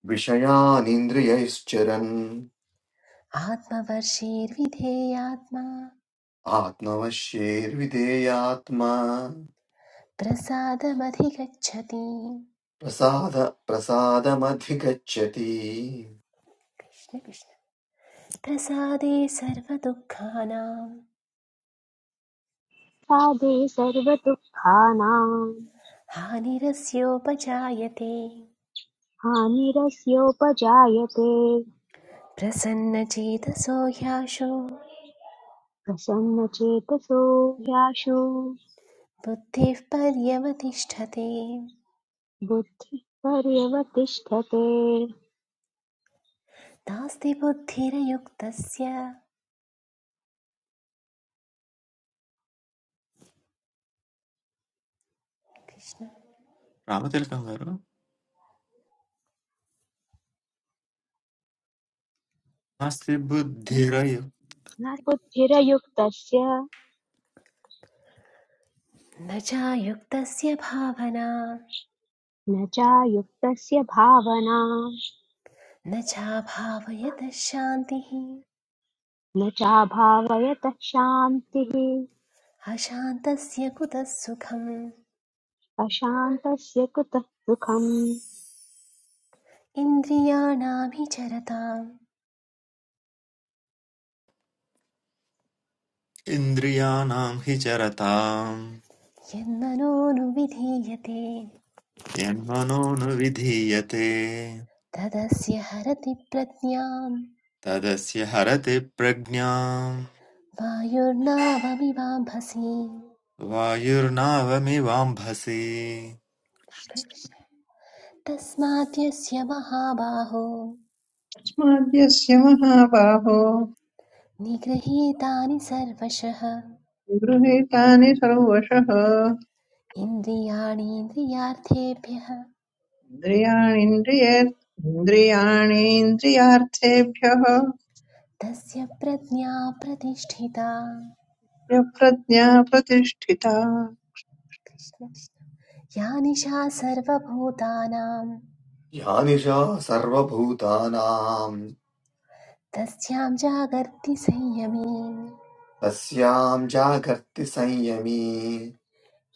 Speaker 1: विषयानिन्द्रियैश्चरन्
Speaker 3: आत्मवर्षीर्विधेयात्मा
Speaker 1: आत्मवश्येर्विधेयात्मा
Speaker 3: प्रसादमधिगच्छति
Speaker 1: प्रसाद प्रसादमधिगच्छति
Speaker 3: कृष्ण कृष्ण प्रसादे सर्वदुःखानां
Speaker 2: साधे सर्वदुःखानां
Speaker 3: हानिरस्योपजायते
Speaker 2: हानिरस्योपजायते
Speaker 3: प्रसन्नचेतसो ह्याशो
Speaker 2: प्रसन्नचेतसो ह्याशु
Speaker 3: बुद्धिः पर्यवतिष्ठते
Speaker 2: बुद्धिः पर्यवतिष्ठते
Speaker 3: नास्ति बुद्धिरयुक्तस्य कृष्ण
Speaker 6: रामतिलकं गाరు नास्ति బుద్ధిరయ
Speaker 2: न बुद्धिरयुक्तस्य
Speaker 3: न चायुक्तस्य भावना
Speaker 2: न चायुक्तस्य भावना
Speaker 3: न चाभावयतः शान्तिः
Speaker 2: न चाभावयतः शान्तिः
Speaker 3: अशान्तस्य कुतः सुखम्
Speaker 2: अशान्तस्य कुतः सुखम्
Speaker 3: इन्द्रियाणाभिचरतां
Speaker 6: इन्द्रियाणां हि चरताम्
Speaker 3: यन्मनोनुविधीयते
Speaker 6: यन्मनोनुविधीयते
Speaker 3: तदस्य हरति प्रज्ञां
Speaker 6: तदस्य हरति प्रज्ञाम्
Speaker 3: वायुर्नावमिवाम्भसि
Speaker 6: वायुर्नावमिवाम्भसि
Speaker 3: कृष्ण कृष्ण तस्मात् यस्य महाबाहो
Speaker 8: तस्माद्यस्य महाबाहो
Speaker 3: निगृहीतानि सर्वशः
Speaker 8: गृहीतानि सर्वशः
Speaker 3: इन्द्रियाणीन्द्रियार्थेभ्यः
Speaker 8: इन्द्रियाणीन्द्रिये इन्द्रियाणीन्द्रियार्थेभ्यः
Speaker 3: तस्य प्रज्ञा प्रतिष्ठिता
Speaker 8: यः प्रज्ञा प्रतिष्ठिता
Speaker 3: कृष्ण कृष्ण। या निशा सर्वभूतानां
Speaker 1: या निशा सर्वभूतानां
Speaker 3: तस्यां जागर्ति संयमी
Speaker 1: तस्यां जागर्ति संयमी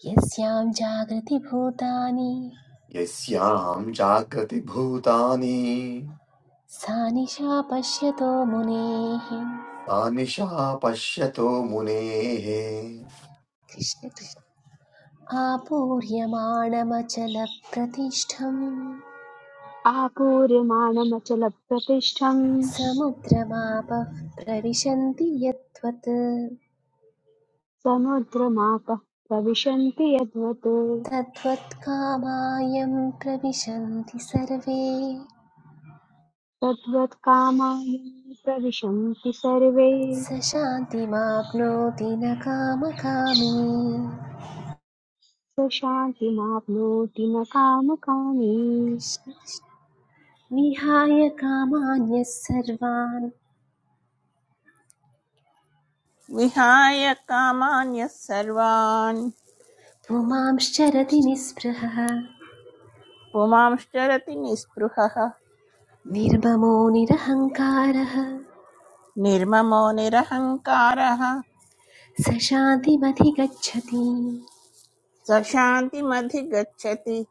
Speaker 3: यस्यां जागृतिभूतानि
Speaker 1: यस्यां जागृति भूतानि
Speaker 3: सा निशा पश्यतो मुनेः
Speaker 1: सा निशा पश्यतो मुनेः
Speaker 3: कृष्ण कृष्ण आपूर्यमाणमचलप्रतिष्ठम्
Speaker 2: आपूर्यमाणमचलप्रतिष्ठम्
Speaker 3: समुद्रमापः प्रविशन्ति यद्वत्
Speaker 2: समुद्रमापः प्रविशन्ति यद्वत्
Speaker 3: तद्वत् कामायं प्रविशन्ति सर्वे
Speaker 2: तद्वत्कामानि प्रविशन्ति सर्वे
Speaker 3: स शान्तिमाप्नोति न कामकामी
Speaker 2: स शान्तिमाप्नोति न कामकामी
Speaker 3: कृष्ण कृष्ण। विहाय कामान्यः सर्वान्
Speaker 5: विहाय कामान्यः सर्वान्
Speaker 3: पुमांश्चरति निःस्पृहः
Speaker 5: पुमांश्चरति निःस्पृहः
Speaker 3: निर्ममो निरहङ्कारः
Speaker 5: निर्ममो निरहङ्कारः
Speaker 3: स शान्तिमधिगच्छति
Speaker 5: स शान्तिमधिगच्छति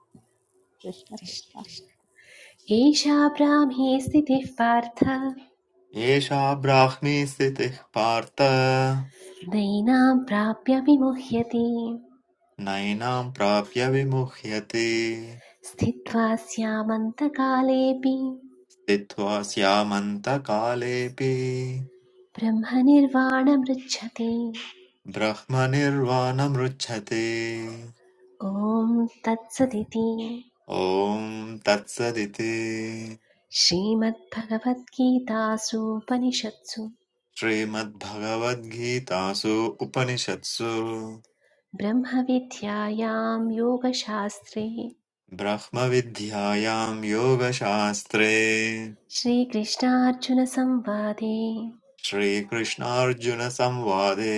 Speaker 5: कृष्ण कृष्ण
Speaker 3: कृष्ण एषा ब्राह्मी स्थितिः पार्थ
Speaker 6: एषा ब्राह्मी स्थितिः पार्थ
Speaker 3: नयिनां प्राप्य विमुह्यति
Speaker 6: नैनां प्राप्य विमुह्यते
Speaker 3: स्थित्वा स्यामन्तकालेऽपि
Speaker 6: स्थित्वा स्यामन्तकालेऽपि
Speaker 3: ब्रह्मनिर्वाणमृच्छति
Speaker 6: ब्रह्मनिर्वाणमृच्छते
Speaker 3: ॐ तत्सदिति
Speaker 6: ॐ तत्सदिति
Speaker 3: श्रीमद्भगवद्गीतासूपनिषत्सु
Speaker 6: श्रीमद्भगवद्गीतासु उपनिषत्सु
Speaker 3: ब्रह्मविद्यायां योगशास्त्रे
Speaker 6: ब्रह्मविद्यायां योगशास्त्रे
Speaker 3: श्रीकृष्णार्जुनसंवादे
Speaker 6: श्रीकृष्णार्जुनसंवादे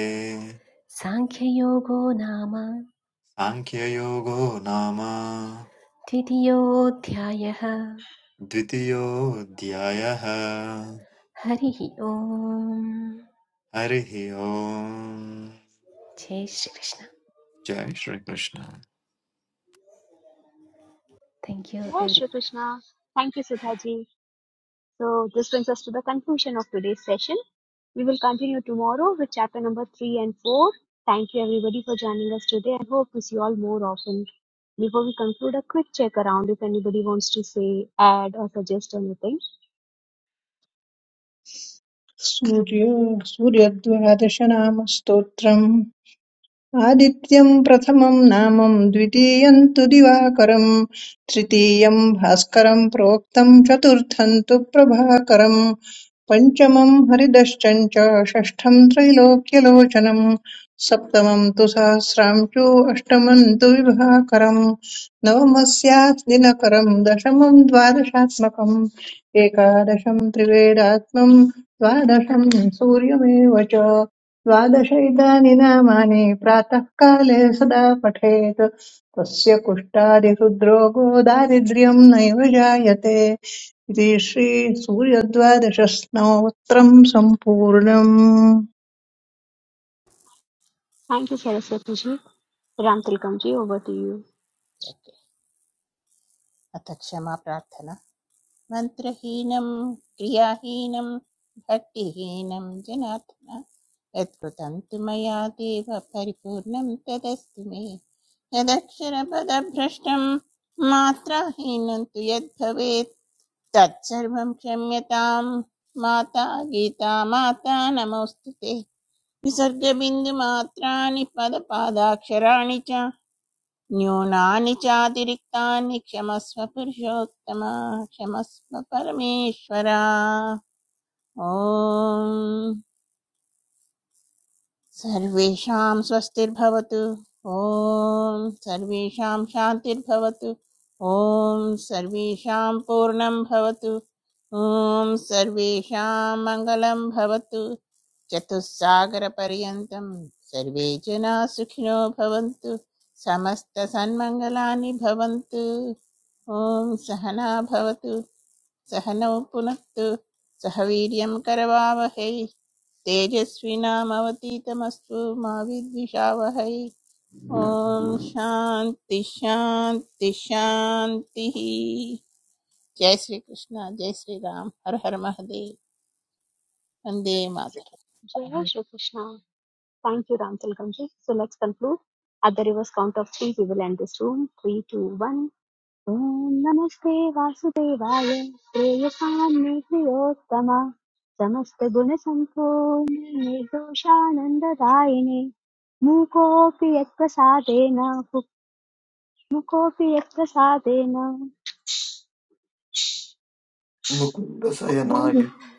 Speaker 3: साङ्ख्ययोगो नाम
Speaker 6: साङ्ख्ययोगो नाम
Speaker 3: द्वितीयोऽध्यायः
Speaker 6: द्वितीयोऽध्यायः
Speaker 3: हरिः ओम्
Speaker 6: हरिः ओम्
Speaker 3: जय श्रीकृष्ण
Speaker 6: जय Shri Krishna
Speaker 3: thank you
Speaker 2: Jai
Speaker 3: every
Speaker 2: Shri Krishna. Thank you, Sudhaji. So this brings us to the conclusion of today's session. We will continue tomorrow with chapter number three and four. Thank you everybody for joining us today I hope to see you all more often. Before we conclude, a quick check around if anybody wants to say, add or suggest anything.
Speaker 8: Surya सूर्यद्वादशनामस्तोत्रम् आदित्यं प्रथमं नामं द्वितीयं तु दिवाकरं तृतीयं भास्करं प्रोक्तं चतुर्थं तु प्रभाकरं पञ्चमं हरिदश्चञ्च षष्ठं त्रैलोक्यलोचनं सप्तमं तु सहस्रांशु अष्टमं तु विभाकरं नवमस्यात् दिनकरं दशमं द्वादशात्मकम् एकादशं त्रिवेदात्मं द्वादशं सूर्यमेव च द्वादश इदानि नामानि प्रातःकाले सदा पठेत् तस्य कुष्ठादिहृद्रोगो दारिद्र्यम् नैव जायते इति श्रीसूर्यद्वादशस्नोत्रम् सम्पूर्णम्
Speaker 2: Thank you, Saraswati ji. Ram Tilakam ji, over to you.
Speaker 5: Okay अथ क्षमा प्रार्थना मन्त्रहीनं क्रियाहीनं भक्तिहीनं जनार्दन यत्कृतं तु मया देव परिपूर्णं तदस्तु मे यदक्षरपदभ्रष्टं मात्राहीनं तु यद्भवेत् तत्सर्वं क्षम्यतां माता गीता माता नमोऽस्तु ते विसर्गबिन्दुमात्राणि पदपादाक्षराणि च न्यूनानि चातिरिक्तानि क्षमस्व पुरुषोत्तम क्षमस्व परमेश्वर ॐ सर्वेषां स्वस्तिर्भवतु ॐ सर्वेषां शान्तिर्भवतु ॐ सर्वेषां पूर्णं भवतु ॐ सर्वेषां मङ्गलं भवतु चतुस्सागरपर्यन्तं सर्वे जनाः सुखिनो भवन्तु समस्तसन्मङ्गलानि भवन्तु ॐ सहना भवतु सहनौ पुनत्तु सह वीर्यं करवावहै तेजस्विनामवतीतमस्तु मा विद्विषावहै ॐ शान्ति शान्ति शान्तिः जय श्री कृष्ण जय श्री राम हर हर महादेव वन्दे
Speaker 8: जय श्री
Speaker 5: मातर
Speaker 2: Jai Shri Krishna. Thank you, Ram Tilgamji. So let's conclude. At the reverse count of three, we will end this room. Three, two, one. Om Namaste, Vasudevaya. ॐ नमस्ते वासुदेवाय प्रेयसां मे प्रियोत्तम Mukopi निर्दोषानन्ददायिने मूकोऽपि Mukopi मुकोऽपि यत्प्रसादेन
Speaker 1: मुकुन्दशयनाय
Speaker 8: कृष्ण।
Speaker 1: जय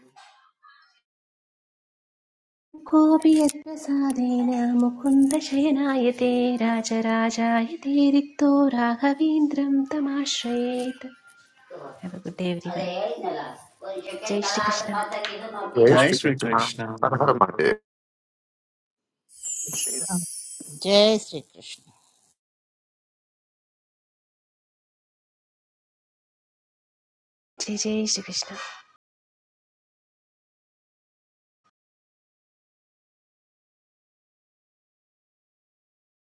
Speaker 3: कोऽपि यत्प्रसादेन मुकुन्दशयनाय ते राजराजाय ते रिक्तो राघवेन्द्रं तमाश्रयेत् have a good day every जय श्रीकृष्ण
Speaker 6: जय
Speaker 1: श्रीकृष्ण हर
Speaker 6: श्रीकृष्ण
Speaker 1: हर महादेव
Speaker 5: जय श्री कृष्ण
Speaker 3: जय जय श्रीकृष्ण